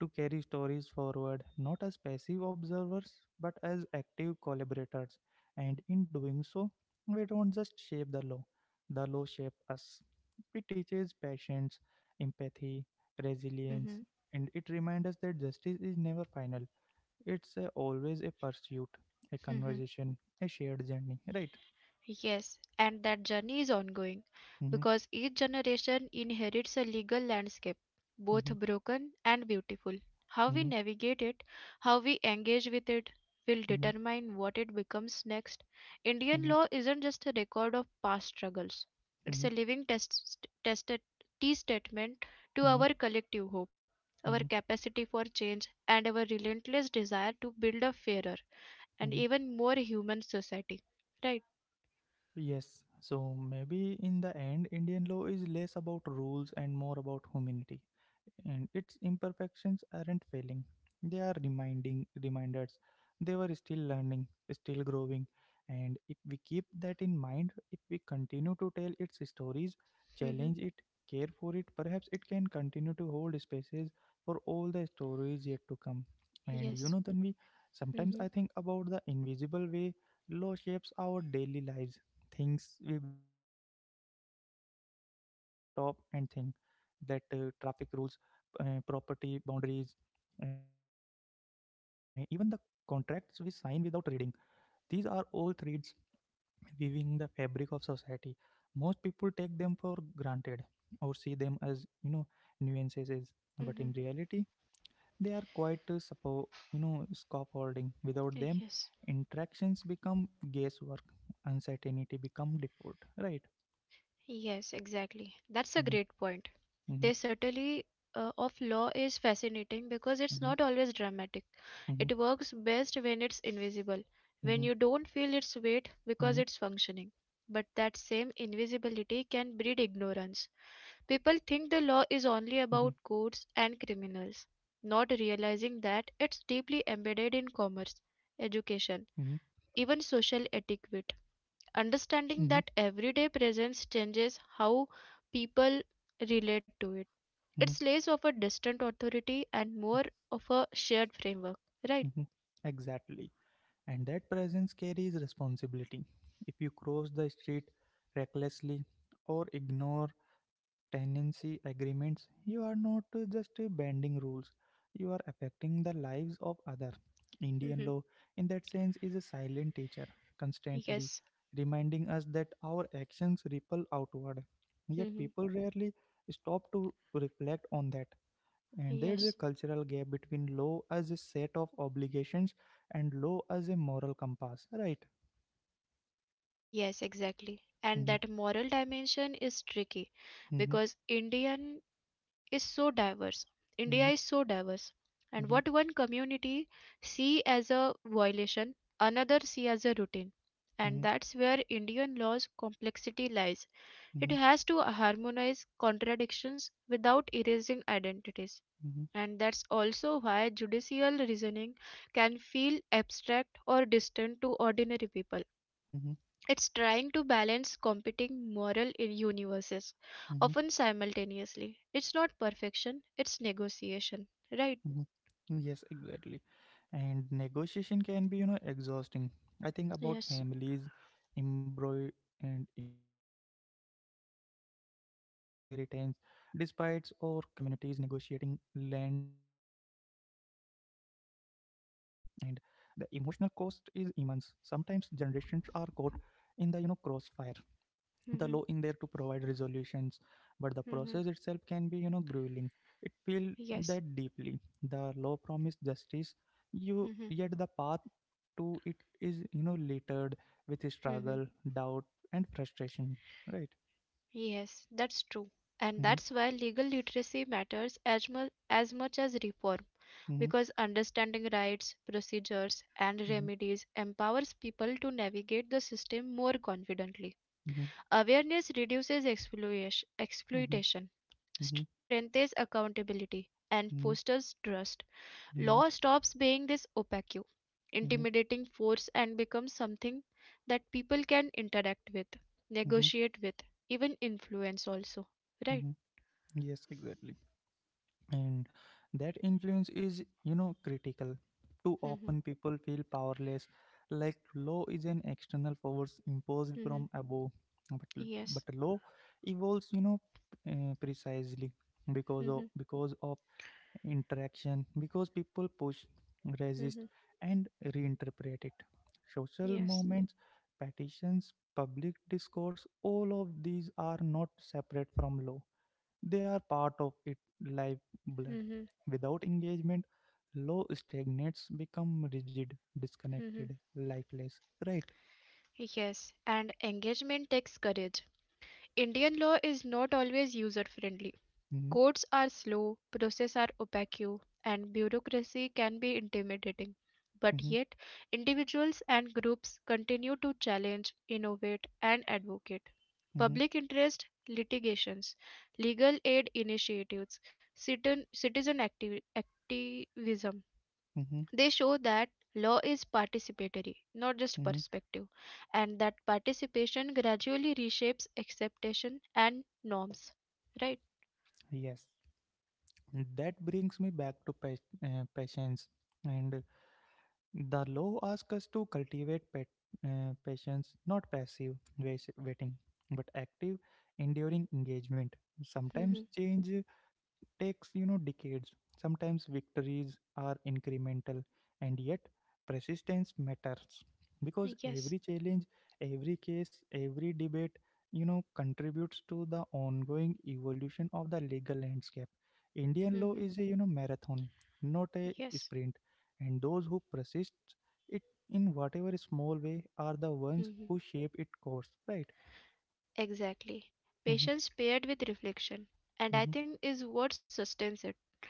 A: to carry stories forward, not as passive observers, but as active collaborators. And in doing so, we don't just shape the law, the law shapes us. It teaches patience, empathy, resilience,
B: Mhm.
A: and it reminds us that justice is never final. It's a, always a pursuit, a conversation, a shared journey, right?
B: Yes, and that journey is ongoing
A: Mm-hmm.
B: because each generation inherits a legal landscape, both
A: Mhm,
B: broken and beautiful. How we
A: mhm,
B: navigate it, how we engage with it, will
A: mhm,
B: determine what it becomes next. Indian
A: mhm,
B: law isn't just a record of past struggles, it's
A: mhm,
B: a living test, test, testament to
A: mhm,
B: our collective hope, our
A: mhm,
B: capacity for change, and our relentless desire to build a fairer and
A: mhm.
B: even more human society. Right?
A: Yes, so maybe in the end, Indian law is less about rules and more about humanity. And its imperfections aren't failing, they are reminding reminders. They were still learning, still growing. And if we keep that in mind, if we continue to tell its stories, challenge it, care for it, perhaps it can continue to hold spaces for all the stories yet to come. And you
B: Yes.
A: know, Tanvi, sometimes
B: Mm-hmm.
A: I think about the invisible way law shapes our daily lives, things we barely notice until we stop and think, that uh, traffic rules, uh, property boundaries, uh, even the contracts we sign without reading. These are all threads weaving the fabric of society. Most people take them for granted or see them as, you know, nuances, is- but
B: Mm-hmm.
A: in reality, they are quite uh, suppo- you know, scaffolding. Without them,
B: Yes.
A: interactions become guesswork, uncertainty become default, right?
B: Yes, exactly. That's a great point.
A: Mhm,
B: This subtlety uh, of law is fascinating because it's
A: mhm,
B: not always dramatic.
A: mhm,
B: It works best when it's invisible, when
A: mhm,
B: you don't feel its weight because
A: mhm,
B: it's functioning. But that same invisibility can breed ignorance. People think
A: mhm,
B: the law is only about courts and criminals, not realizing that it's deeply embedded in commerce,
A: mhm,
B: education, even social etiquette. Understanding
A: mhm,
B: that everyday presence changes how people relate to it. It's
A: mhm,
B: less of a distant authority and more of a shared framework, right?
A: mhm. Exactly. And that presence carries responsibility. If you cross the street recklessly or ignore tenancy agreements, you are not uh, just uh, bending rules, you are affecting the lives of others. Indian
B: Hmm.
A: law, in that sense, is a silent teacher, constantly
B: Yes.
A: reminding us that our actions ripple outward. Yet
B: Hmm.
A: people rarely stop to reflect on that. And there's
B: Yes.
A: a cultural gap between law as a set of obligations and law as a moral compass, right?
B: Yes, exactly. And
A: Mm-hmm,
B: that moral dimension is tricky
A: mm-hmm,
B: because Indian is so diverse. India is
A: mm-hmm,
B: so diverse. And
A: mm-hmm,
B: what one community see as a violation, another see as a routine. And that's where Indian law's complexity lies. It
A: mm-hmm,
B: has to harmonize contradictions without erasing identities.
A: mm-hmm,
B: And that's also why judicial reasoning can feel abstract or distant to ordinary people.
A: mm-hmm,
B: It's trying to balance competing moral I- universes,
A: mm-hmm,
B: often simultaneously. It's not perfection, it's negotiation, right?
A: mm-hmm. Yes, exactly. And negotiation can be, you know exhausting. I think about
B: Yes.
A: families embroiled and embroiled in, in inheritance disputes or communities negotiating land rights, and the emotional cost is immense. Sometimes generations are caught in the, you know crossfire. The law in there to
B: Mm-hmm.
A: provide resolutions, but the process itself
B: Mm-hmm.
A: can be, you know grueling. It feel
B: Yes.
A: that deeply. The law promised justice, you
B: Mm-hmm.
A: yet the path to it is, you know littered with
B: Mm-hmm.
A: struggle, doubt, and frustration, right?
B: Yes, that's true. And
A: Mm-hmm,
B: that's why legal literacy matters as much as much as reform,
A: mm-hmm,
B: because understanding rights, procedures, and
A: mm-hmm,
B: remedies empowers people to navigate the system more confidently.
A: mm-hmm,
B: Awareness reduces exploitation,
A: mm-hmm,
B: exploitation,
A: mm-hmm,
B: strengthens accountability, and
A: mm-hmm,
B: fosters trust. Law
A: mm-hmm,
B: stops being this opaque,
A: mm-hmm.
B: intimidating force and becomes something that people can interact with,
A: Mm-hmm.
B: negotiate with, even influence also. Right?
A: Mm-hmm. Yes, exactly. And that influence is, you know critical. Too
B: Mm-hmm.
A: often people feel powerless, like law is an external force imposed
B: Mm-hmm.
A: from above, but
B: Yes.
A: but law evolves, you know uh, precisely because
B: Mm-hmm.
A: of because of interaction, because people push,
B: Mm-hmm.
A: resist, and reinterpret it. Social
B: Yes.
A: movements, petitions, public discourse, all of these are not separate from law, they are part of it, live blood.
B: Mm-hmm.
A: Without engagement, law stagnates, become rigid,
B: Mm-hmm.
A: disconnected, lifeless. Right?
B: Yes, and engagement takes courage. Indian law is not always user friendly.
A: Mm-hmm,
B: Courts are slow, processes are opaque, and bureaucracy can be intimidating. But
A: mm-hmm,
B: yet, individuals and groups continue to challenge, innovate, and advocate.
A: mm-hmm,
B: Public interest litigations, legal aid initiatives, citizen, citizen activi- activism,
A: mm-hmm,
B: they show that law is participatory, not just
A: hmm
B: perspective, and that participation gradually reshapes acceptation and norms. Right?
A: Yes. That brings me back to pa- uh, patience. And the law asks us to cultivate pet, uh, patience, not passive wais- waiting, but active, enduring engagement.
B: Mm-hmm.
A: Sometimes change takes, you know decades. Sometimes victories are incremental, and yet persistence matters, because
B: Yes.
A: every challenge, every case, every debate, you know contributes to the ongoing evolution of the legal landscape. Indian law
B: Mm-hmm.
A: is a, you know marathon, not a
B: Yes.
A: sprint, and those who persist it, in whatever small way, are the ones
B: Mm-hmm.
A: who shape its course, right?
B: Exactly.
A: mm-hmm,
B: Patience paired with reflection. And I
A: mm-hmm,
B: think is what sustains it.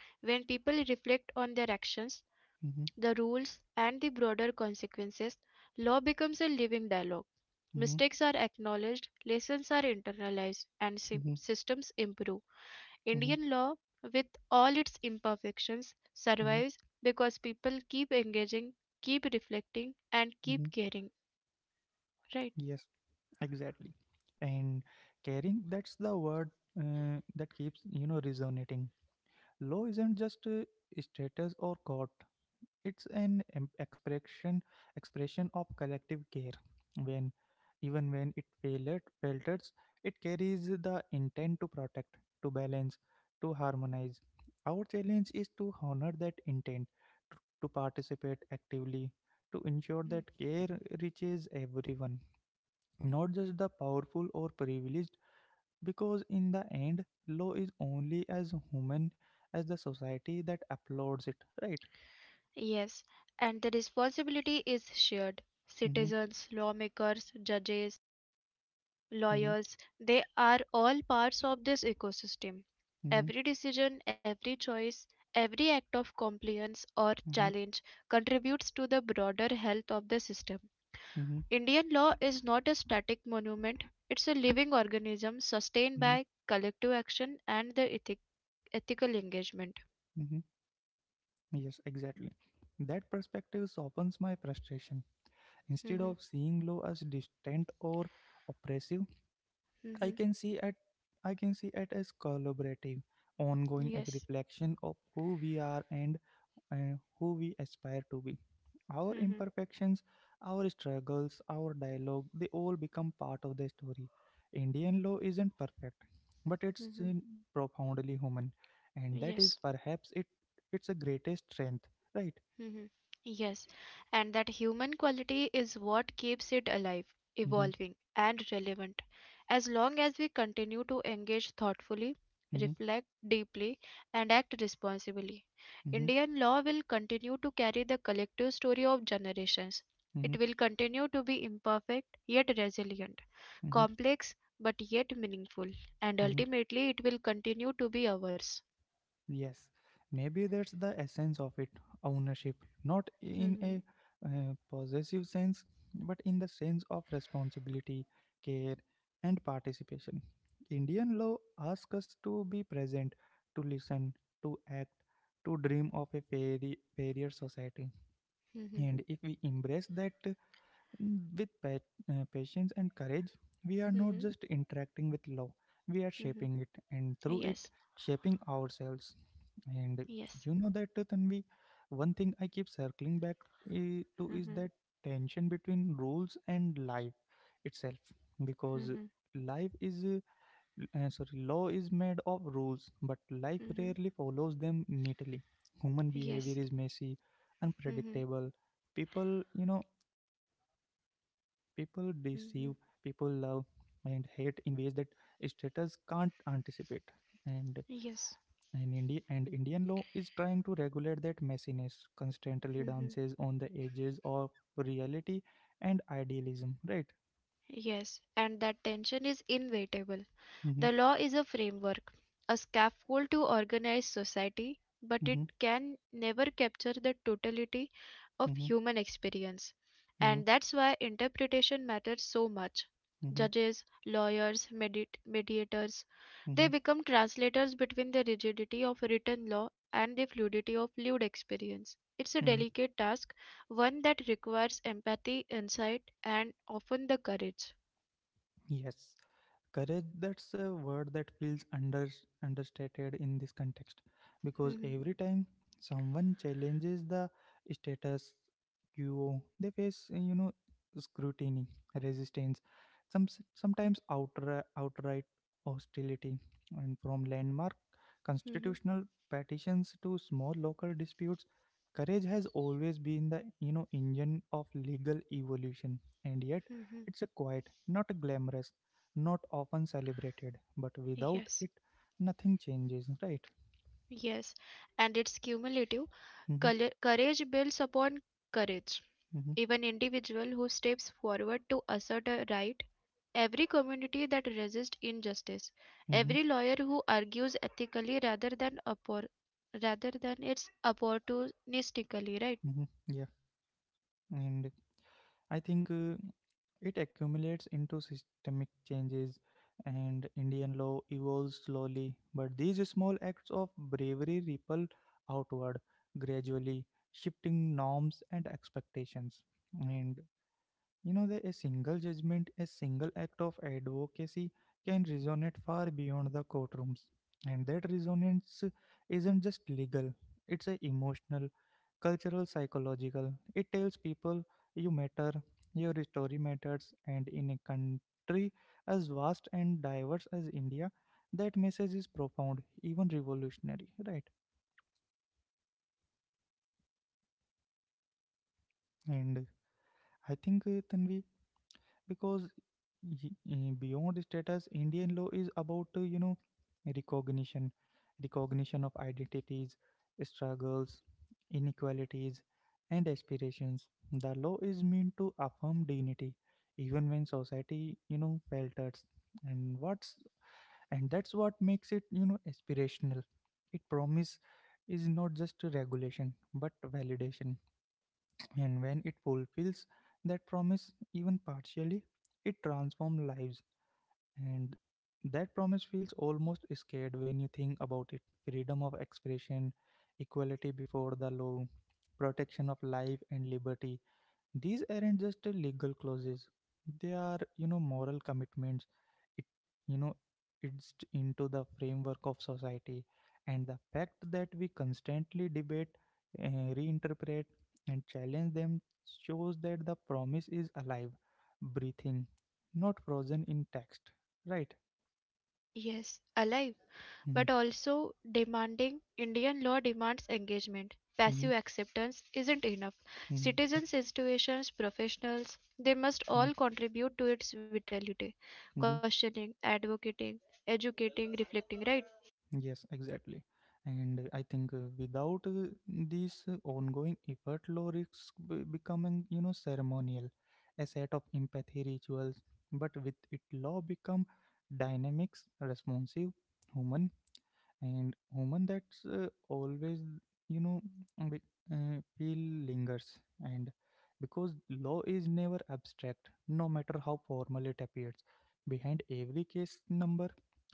B: When people reflect on their actions,
A: mm-hmm,
B: the rules, and the broader consequences, law becomes a living dialogue.
A: mm-hmm,
B: Mistakes are acknowledged, lessons are internalized, and sy-
A: mm-hmm,
B: systems improve. Indian law, with all its imperfections,
A: mm-hmm,
B: survives because people keep engaging, keep reflecting, and
A: hmm
B: keep caring. Right?
A: yes, exactly. And caring, that's the word uh, that keeps, you know resonating. Law isn't just a status or court; it's an em- expression expression of collective care. When, even when it failed, falters, it carries the intent to protect, to balance, to harmonize. Our challenge is to honor that intent, to, to participate actively, to ensure
B: Hmm.
A: that care reaches everyone, not just the powerful or privileged, because in the end, law is only as human as the society that applauds it, right?
B: Yes, and the responsibility is shared.
A: Mm-hmm,
B: Citizens, lawmakers, judges,
A: mm-hmm,
B: lawyers, they are all parts of this ecosystem.
A: mm-hmm,
B: Every decision, every choice, every act of compliance or
A: mm-hmm,
B: challenge contributes to the broader health of the system.
A: mm-hmm,
B: Indian law is not a static monument, it's a living organism sustained
A: mm-hmm,
B: by collective action and the ethic- ethical engagement.
A: mm-hmm. Yes, exactly. That perspective softens my frustration. Instead
B: Mhm,
A: of seeing law as distant or oppressive, I
B: mhm,
A: can see at I can see it as collaborative, ongoing, a
B: yes.
A: reflection of who we are and uh, who we aspire to be. Our
B: Mhm,
A: imperfections, our struggles, our dialogue, they all become part of the story. Indian law isn't perfect, but it's
B: mhm,
A: uh, profoundly human, and that is
B: yes.
A: perhaps it its a greatest strength, right?
B: Mhm. Yes, and that human quality is what keeps it alive,
A: Mm-hmm,
B: evolving, and relevant. As long as we continue to engage thoughtfully,
A: mm-hmm,
B: reflect deeply, and act responsibly,
A: mm-hmm,
B: Indian law will continue to carry the collective story of generations.
A: mm-hmm,
B: It will continue to be imperfect yet resilient,
A: mm-hmm,
B: complex but yet meaningful, and
A: mm-hmm.
B: ultimately it will continue to be ours.
A: Yes, maybe that's the essence of it: ownership, not in
B: Hmm.
A: a uh, possessive sense, but in the sense of responsibility, care, and participation. Indian law asks us to be present, to listen, to act, to dream of a fairy, fairer society.
B: Hmm.
A: And if we embrace that with pa- uh, patience and courage, we are not
B: Hmm.
A: just interacting with law, we are
B: Hmm.
A: shaping it, and through it,
B: Yes,
A: shaping ourselves. And
B: yes.
A: you know that, uh, Tanvi, one thing I keep circling back eh, to is
B: Mm-hmm.
A: that tension between rules and life itself, because
B: Mm-hmm.
A: life is uh, uh, sorry, law is made of rules, but life
B: Mm-hmm.
A: rarely follows them neatly. Human
B: Yes.
A: behavior is messy,
B: Mm-hmm.
A: unpredictable. People, you know. People deceive, people love
B: Mm-hmm.
A: and hate in ways that status can't anticipate. And
B: Yes.
A: and, Indi- and Indian law is trying to regulate that messiness, constantly
B: Mm-hmm.
A: dances on the edges of reality and idealism, right?
B: Yes. And that tension is inevitable.
A: Mm-hmm,
B: The law is a framework, a scaffold to organize society, but it
A: mm-hmm,
B: can never capture the totality of
A: mm-hmm,
B: human experience.
A: mm-hmm,
B: And that's why interpretation matters so much. Judges, lawyers, medi- mediators,
A: mm-hmm, mm-hmm.
B: they become translators between the rigidity of written law and the fluidity of lived experience. It's a
A: mm-hmm.
B: delicate task, one that requires empathy, insight, and often the courage.
A: Yes, courage, that's a word that feels under understated in this context, because
B: Mhm,
A: every time someone challenges the status quo, they face, uh, you know scrutiny, resistance, some sometimes outright, outright hostility. And from landmark
B: mhm,
A: constitutional petitions to small local disputes, courage has always been the, you know engine of legal evolution. And yet
B: mhm.
A: it's a quiet, not a glamorous, not often celebrated, but without
B: Yes.
A: it, nothing changes, right?
B: Yes, and it's cumulative.
A: Mm-hmm,
B: Colle- Courage builds upon courage.
A: mm-hmm,
B: Even individual who steps forward to assert a right, every community that resists injustice,
A: mm-hmm,
B: every lawyer who argues ethically rather than oppor- rather than it's opportunistically, right?
A: mm-hmm, yeah. And I think uh, it accumulates into systemic changes, and Indian law evolves slowly. But these small acts of bravery ripple outward gradually, shifting norms and expectations. And you know that a single judgment, a single act of advocacy can resonate far beyond the courtrooms. And that resonance isn't just legal, it's a emotional, cultural, psychological. It tells people you matter, your story matters, and in a country as vast and diverse as India, that message is profound, even revolutionary, right? And I think, uh, Tanvi, because y- eh, beyond status, Indian law is about, uh, you know recognition, recognition of identities, struggles, inequalities, and aspirations. The law is meant to affirm dignity even when society, you know falters. And what's and that's what makes it, you know aspirational. It promise is not just a regulation but validation, and when it fulfills that promise, even partially, it transforms lives. And that promise feels almost scared when you think about it: freedom of expression, equality before the law, protection of life and liberty. These aren't just uh, legal clauses; they are, you know, moral commitments. It, you know, it's into the framework of society, and the fact that we constantly debate, uh, reinterpret, and challenge them shows that the promise is alive, breathing, not frozen in text. Right?
B: Yes, alive, but also demanding. Indian law demands engagement. Passive
A: Mm-hmm,
B: acceptance isn't enough.
A: mm-hmm,
B: Citizens, institutions, professionals, they must all contribute to its vitality.
A: hmm
B: Questioning, advocating, educating, reflecting, right?
A: Yes, exactly. And uh, I think uh, without uh, this uh, ongoing effort, law risks be- becoming, you know, ceremonial, a set of empathy rituals. But with it, law become dynamics, responsive, human, and woman that's uh, always, you know be, uh, feel lingers. And because law is never abstract, no matter how formal it appears, behind every case number,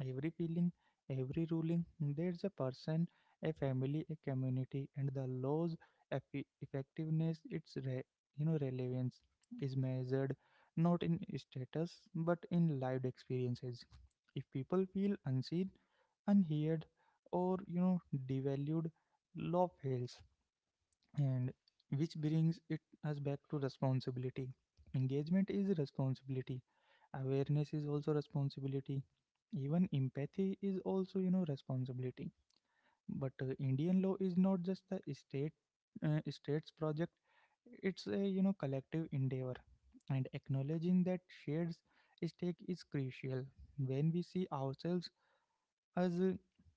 A: every feeling, every ruling, there's a person, a family, a community. And the law's effi- effectiveness, its re- you know relevance is measured not in status but in lived experiences. If people feel unseen, unheard, or, you know devalued, love fails. And which brings it us back to responsibility. Engagement is responsibility, awareness is also responsibility, even empathy is also, you know responsibility. But uh, Indian law is not just the state uh, state's project, it's a, you know collective endeavor, and acknowledging that shared stake is crucial. When we see ourselves as uh,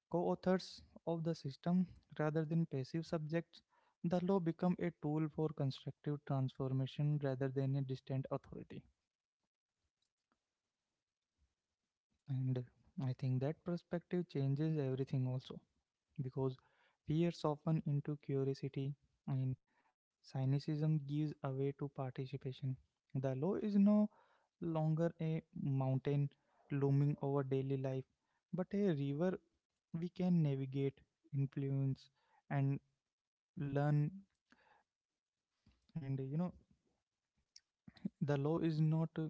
A: co authors of the system rather than passive subjects, the law become a tool for constructive transformation rather than a distant authority. And I think that perspective changes everything also, because fear softens into curiosity and cynicism gives away to participation. The law is no longer a mountain looming over daily life, but a river we can navigate, influence, and learn. And you know the law is not uh,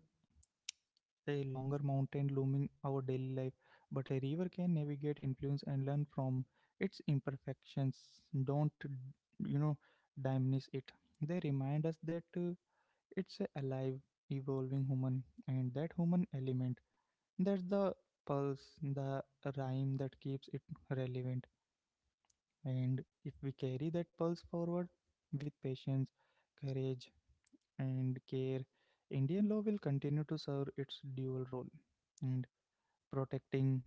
A: a longer mountain looming our daily life, but a river can navigate, influence, and learn from. Its imperfections don't, you know diminish it, they remind us that, uh, it's a alive, evolving, human. And that human element, that's the pulse, the rhyme that keeps it relevant. And if we carry that pulse forward with patience, courage, and care, Indian law will continue to serve its dual role and protecting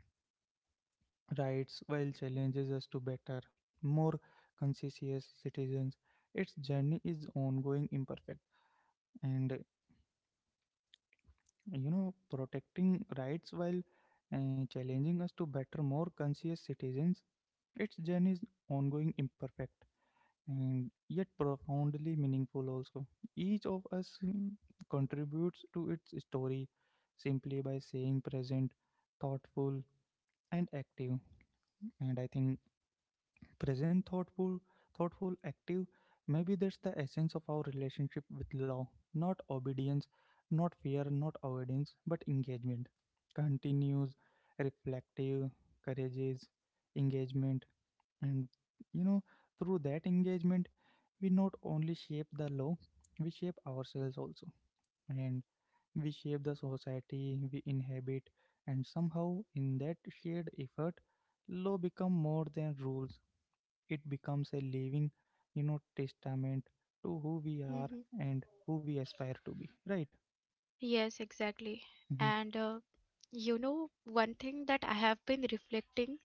A: rights while challenges us to better, more conscientious citizens. Its journey is ongoing, imperfect, and uh, you know, protecting rights while uh, challenging us to better, more conscious citizens. Its journey is ongoing, imperfect, and yet profoundly meaningful also. Each of us mm, contributes to its story simply by saying present, thoughtful, and active. And I think present, thoughtful, thoughtful, active, maybe that's the essence of our relationship with law. Not obedience, not fear, not avoidance, but engagement. Continues, reflective, courageous, engagement. And, you know through that engagement we not only shape the law, we shape ourselves also, and we shape the society we inhabit. And somehow in that shared effort, law become more than rules, it becomes a living, you know testament to who we are
B: Hmm.
A: and who we aspire to be, right?
B: Yes, exactly.
A: Mm-hmm,
B: And uh, you know, one thing that I have been reflecting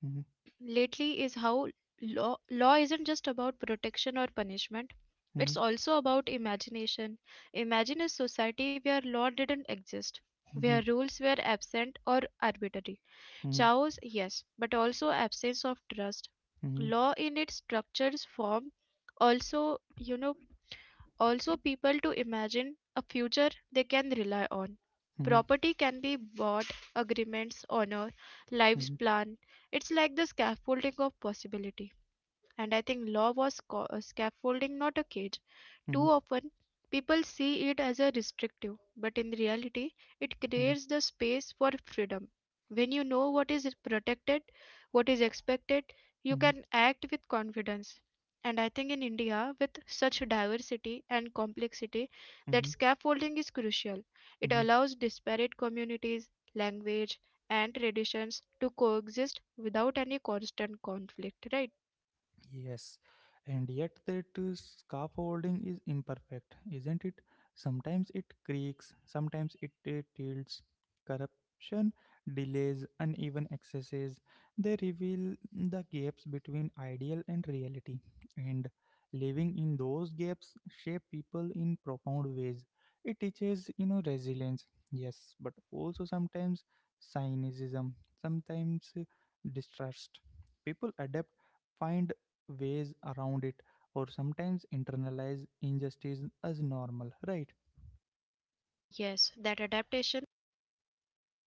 A: mm-hmm,
B: on lately is how law, law isn't just about protection or punishment.
A: hmm
B: It's also about imagination. Imagine a society where law didn't exist,
A: hmm
B: where rules were absent or arbitrary.
A: hmm
B: Chaos, yes, but also absence of trust.
A: hmm
B: Law in its structured form also, you know, also people to imagine a future they can rely on.
A: hmm
B: Property can be bought, agreements, honor, lives planned. It's like the scaffolding of possibility. And I think law was sca- uh, scaffolding, not a cage. Too
A: hmm
B: often, people see it as a restrictive, but in reality, it creates the space for freedom. When you know what is protected, what is expected, you
A: hmm
B: can act with confidence. And I think in India, with such diversity and complexity, that
A: hmm
B: scaffolding is crucial. It
A: hmm
B: allows disparate communities, language, and traditions to coexist without any constant conflict, right?
A: Yes, and yet that uh, scaffolding is imperfect, isn't it? Sometimes it creaks, sometimes it uh, tilts. Corruption, delays, uneven accesses, they reveal the gaps between ideal and reality. And living in those gaps shape people in profound ways. It teaches, you know, resilience, yes, but also sometimes cynicism, sometimes uh, distrust. People adapt, find ways around it, or sometimes internalize injustice as normal, right?
B: Yes, that adaptation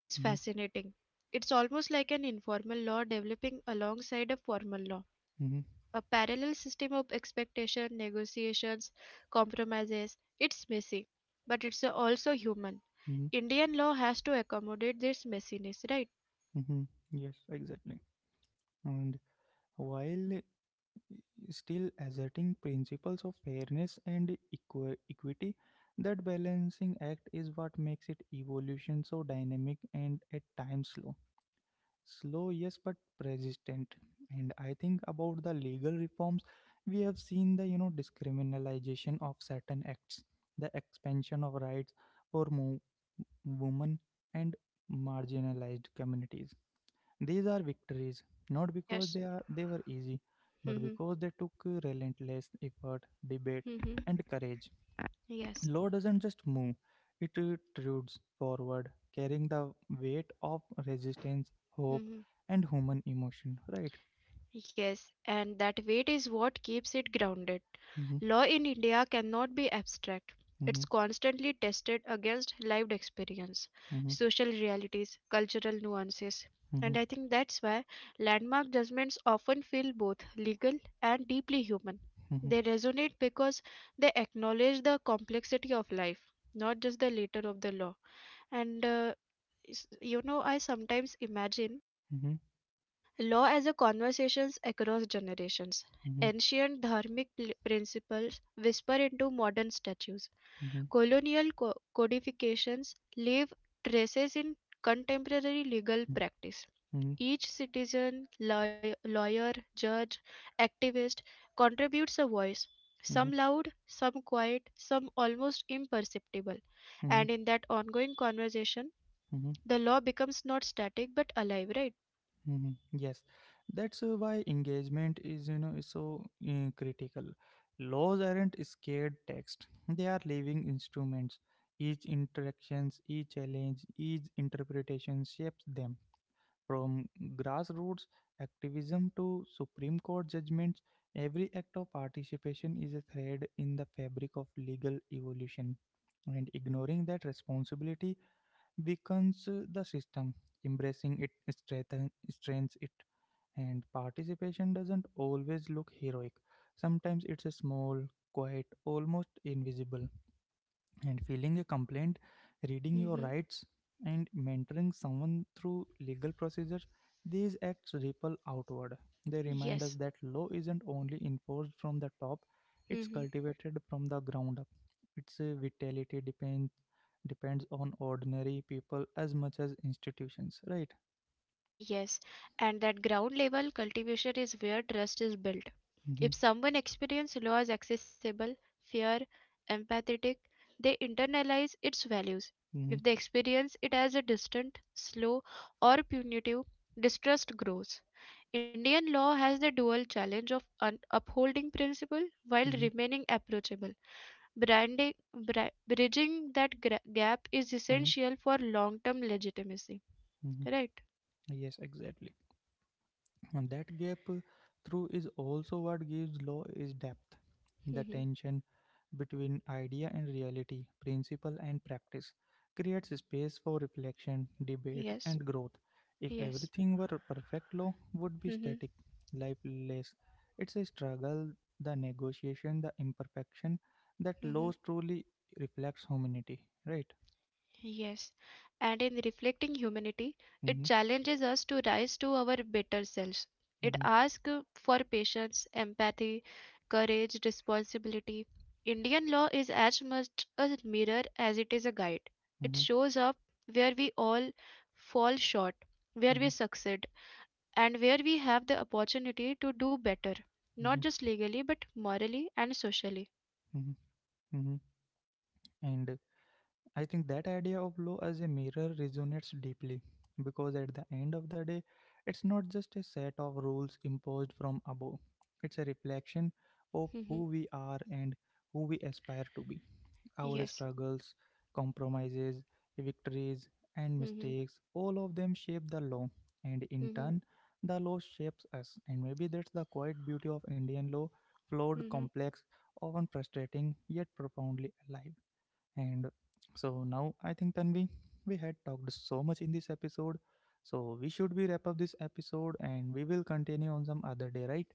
B: is
A: mm-hmm,
B: fascinating. It's almost like an informal law developing alongside a formal law,
A: mm-hmm,
B: a parallel system of expectation, negotiations, compromises. It's messy, but it's also human.
A: mm-hmm,
B: Indian law has to accommodate this messiness, right?
A: mm-hmm. Yes, exactly. And while still asserting principles of fairness and equi- equity, that balancing act is what makes it evolution so dynamic and at times slow. Slow, yes, but persistent. And I think about the legal reforms we have seen, the, you know discriminalization of certain acts, the expansion of rights for mo- women and marginalized communities. These are victories not because
B: Yes.
A: they are they were easy, but
B: Hmm.
A: because they took relentless effort, debate,
B: Hmm.
A: and courage.
B: Yes.
A: Law doesn't just move, it protrudes forward, carrying the weight of resistance, hope,
B: Mm-hmm.
A: and human emotion, right?
B: Yes, and that weight is what keeps it grounded.
A: Mm-hmm,
B: Law in India cannot be abstract.
A: mm-hmm,
B: It's constantly tested against lived experience,
A: mm-hmm,
B: social realities, cultural nuances.
A: mm-hmm,
B: And I think that's why landmark judgments often feel both legal and deeply human.
A: mm-hmm,
B: They resonate because they acknowledge the complexity of life, not just the letter of the law. And uh, s- you know, I sometimes imagine
A: mm-hmm,
B: law as a conversations across generations.
A: mm-hmm,
B: Ancient dharmic pl- principles whisper into modern statues.
A: mm-hmm, mm-hmm,
B: Colonial co- codifications leave traces in contemporary legal practice. Each citizen, law- lawyer, judge, activist contributes a voice,
A: mm-hmm,
B: some loud, some quiet, some almost imperceptible.
A: mm-hmm,
B: And in that ongoing conversation,
A: mm-hmm, hmm
B: the law becomes not static but alive, right?
A: Yes, that's uh, why engagement is, you know, is so uh, critical. Laws aren't scared text; they are living instruments. Each interactions, each challenge, each interpretation shapes them. From grassroots activism to Supreme Court judgments, every act of participation is a thread in the fabric of legal evolution. And ignoring that responsibility weakens uh, the system. Embracing it strengthen- strengthens it. And participation doesn't always look heroic. Sometimes it's a small, quiet, almost invisible, and filing a complaint, reading your
B: Hmm.
A: rights, and mentoring someone through legal procedures, these acts ripple outward. They remind us
B: Yes.
A: that law isn't only enforced from the top, it's
B: Hmm.
A: cultivated from the ground up. Its uh, vitality depends depends on ordinary people as much as institutions, right?
B: Yes, and that ground level cultivation is where trust is built.
A: Mm-hmm,
B: If someone experiences law as accessible, fair, empathetic, they internalize its values.
A: mm-hmm,
B: If they experience it as a distant, slow, or punitive, distrust grows. Indian law has the dual challenge of un- upholding principle while
A: mm-hmm,
B: remaining approachable. Branding, bri- bridging that gra- gap is
A: mm-hmm.
B: essential for long-term legitimacy.
A: mm-hmm.
B: Right?
A: Yes, exactly. And that gap uh, through is also what gives law its depth. The tension between idea and reality, principle and practice, creates space for reflection, debate,
B: Yes,
A: and growth. If
B: yes.
A: everything were perfect, law would be
B: Hmm.
A: static, lifeless. It's a struggle, the negotiation, the imperfection that law
B: Hmm.
A: truly reflects humanity, right?
B: Yes. And in reflecting humanity, it
A: Mm-hmm,
B: challenges us to rise to our better selves. It
A: mm-hmm,
B: asks for patience, empathy, courage, responsibility. Indian law is as much a mirror as it is a guide. It
A: mm-hmm,
B: shows up where we all fall short, where
A: mm-hmm,
B: we succeed, and where we have the opportunity to do better, not
A: mm-hmm,
B: just legally, but morally and socially.
A: mm-hmm. mm-hmm. And uh, I think that idea of law as a mirror resonates deeply, because at the end of the day, it's not just a set of rules imposed from above, it's a reflection of
B: Hmm.
A: who we are and who we aspire to be. Our
B: Yes.
A: struggles, compromises, victories, and
B: Mhm.
A: mistakes, all of them shape the law, and in
B: Mm-hmm.
A: turn, the law shapes us. And maybe that's the quiet beauty of Indian law: flawed,
B: Mm-hmm.
A: complex, often frustrating, yet profoundly alive. And so now I think, Tanvi, we had talked so much in this episode. So we should be wrap up this episode and we will continue on some other day, right?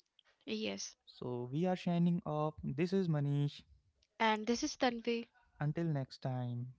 B: Yes.
A: So we are shining off. This is Manish.
B: And this is Tanvi.
A: Until next time.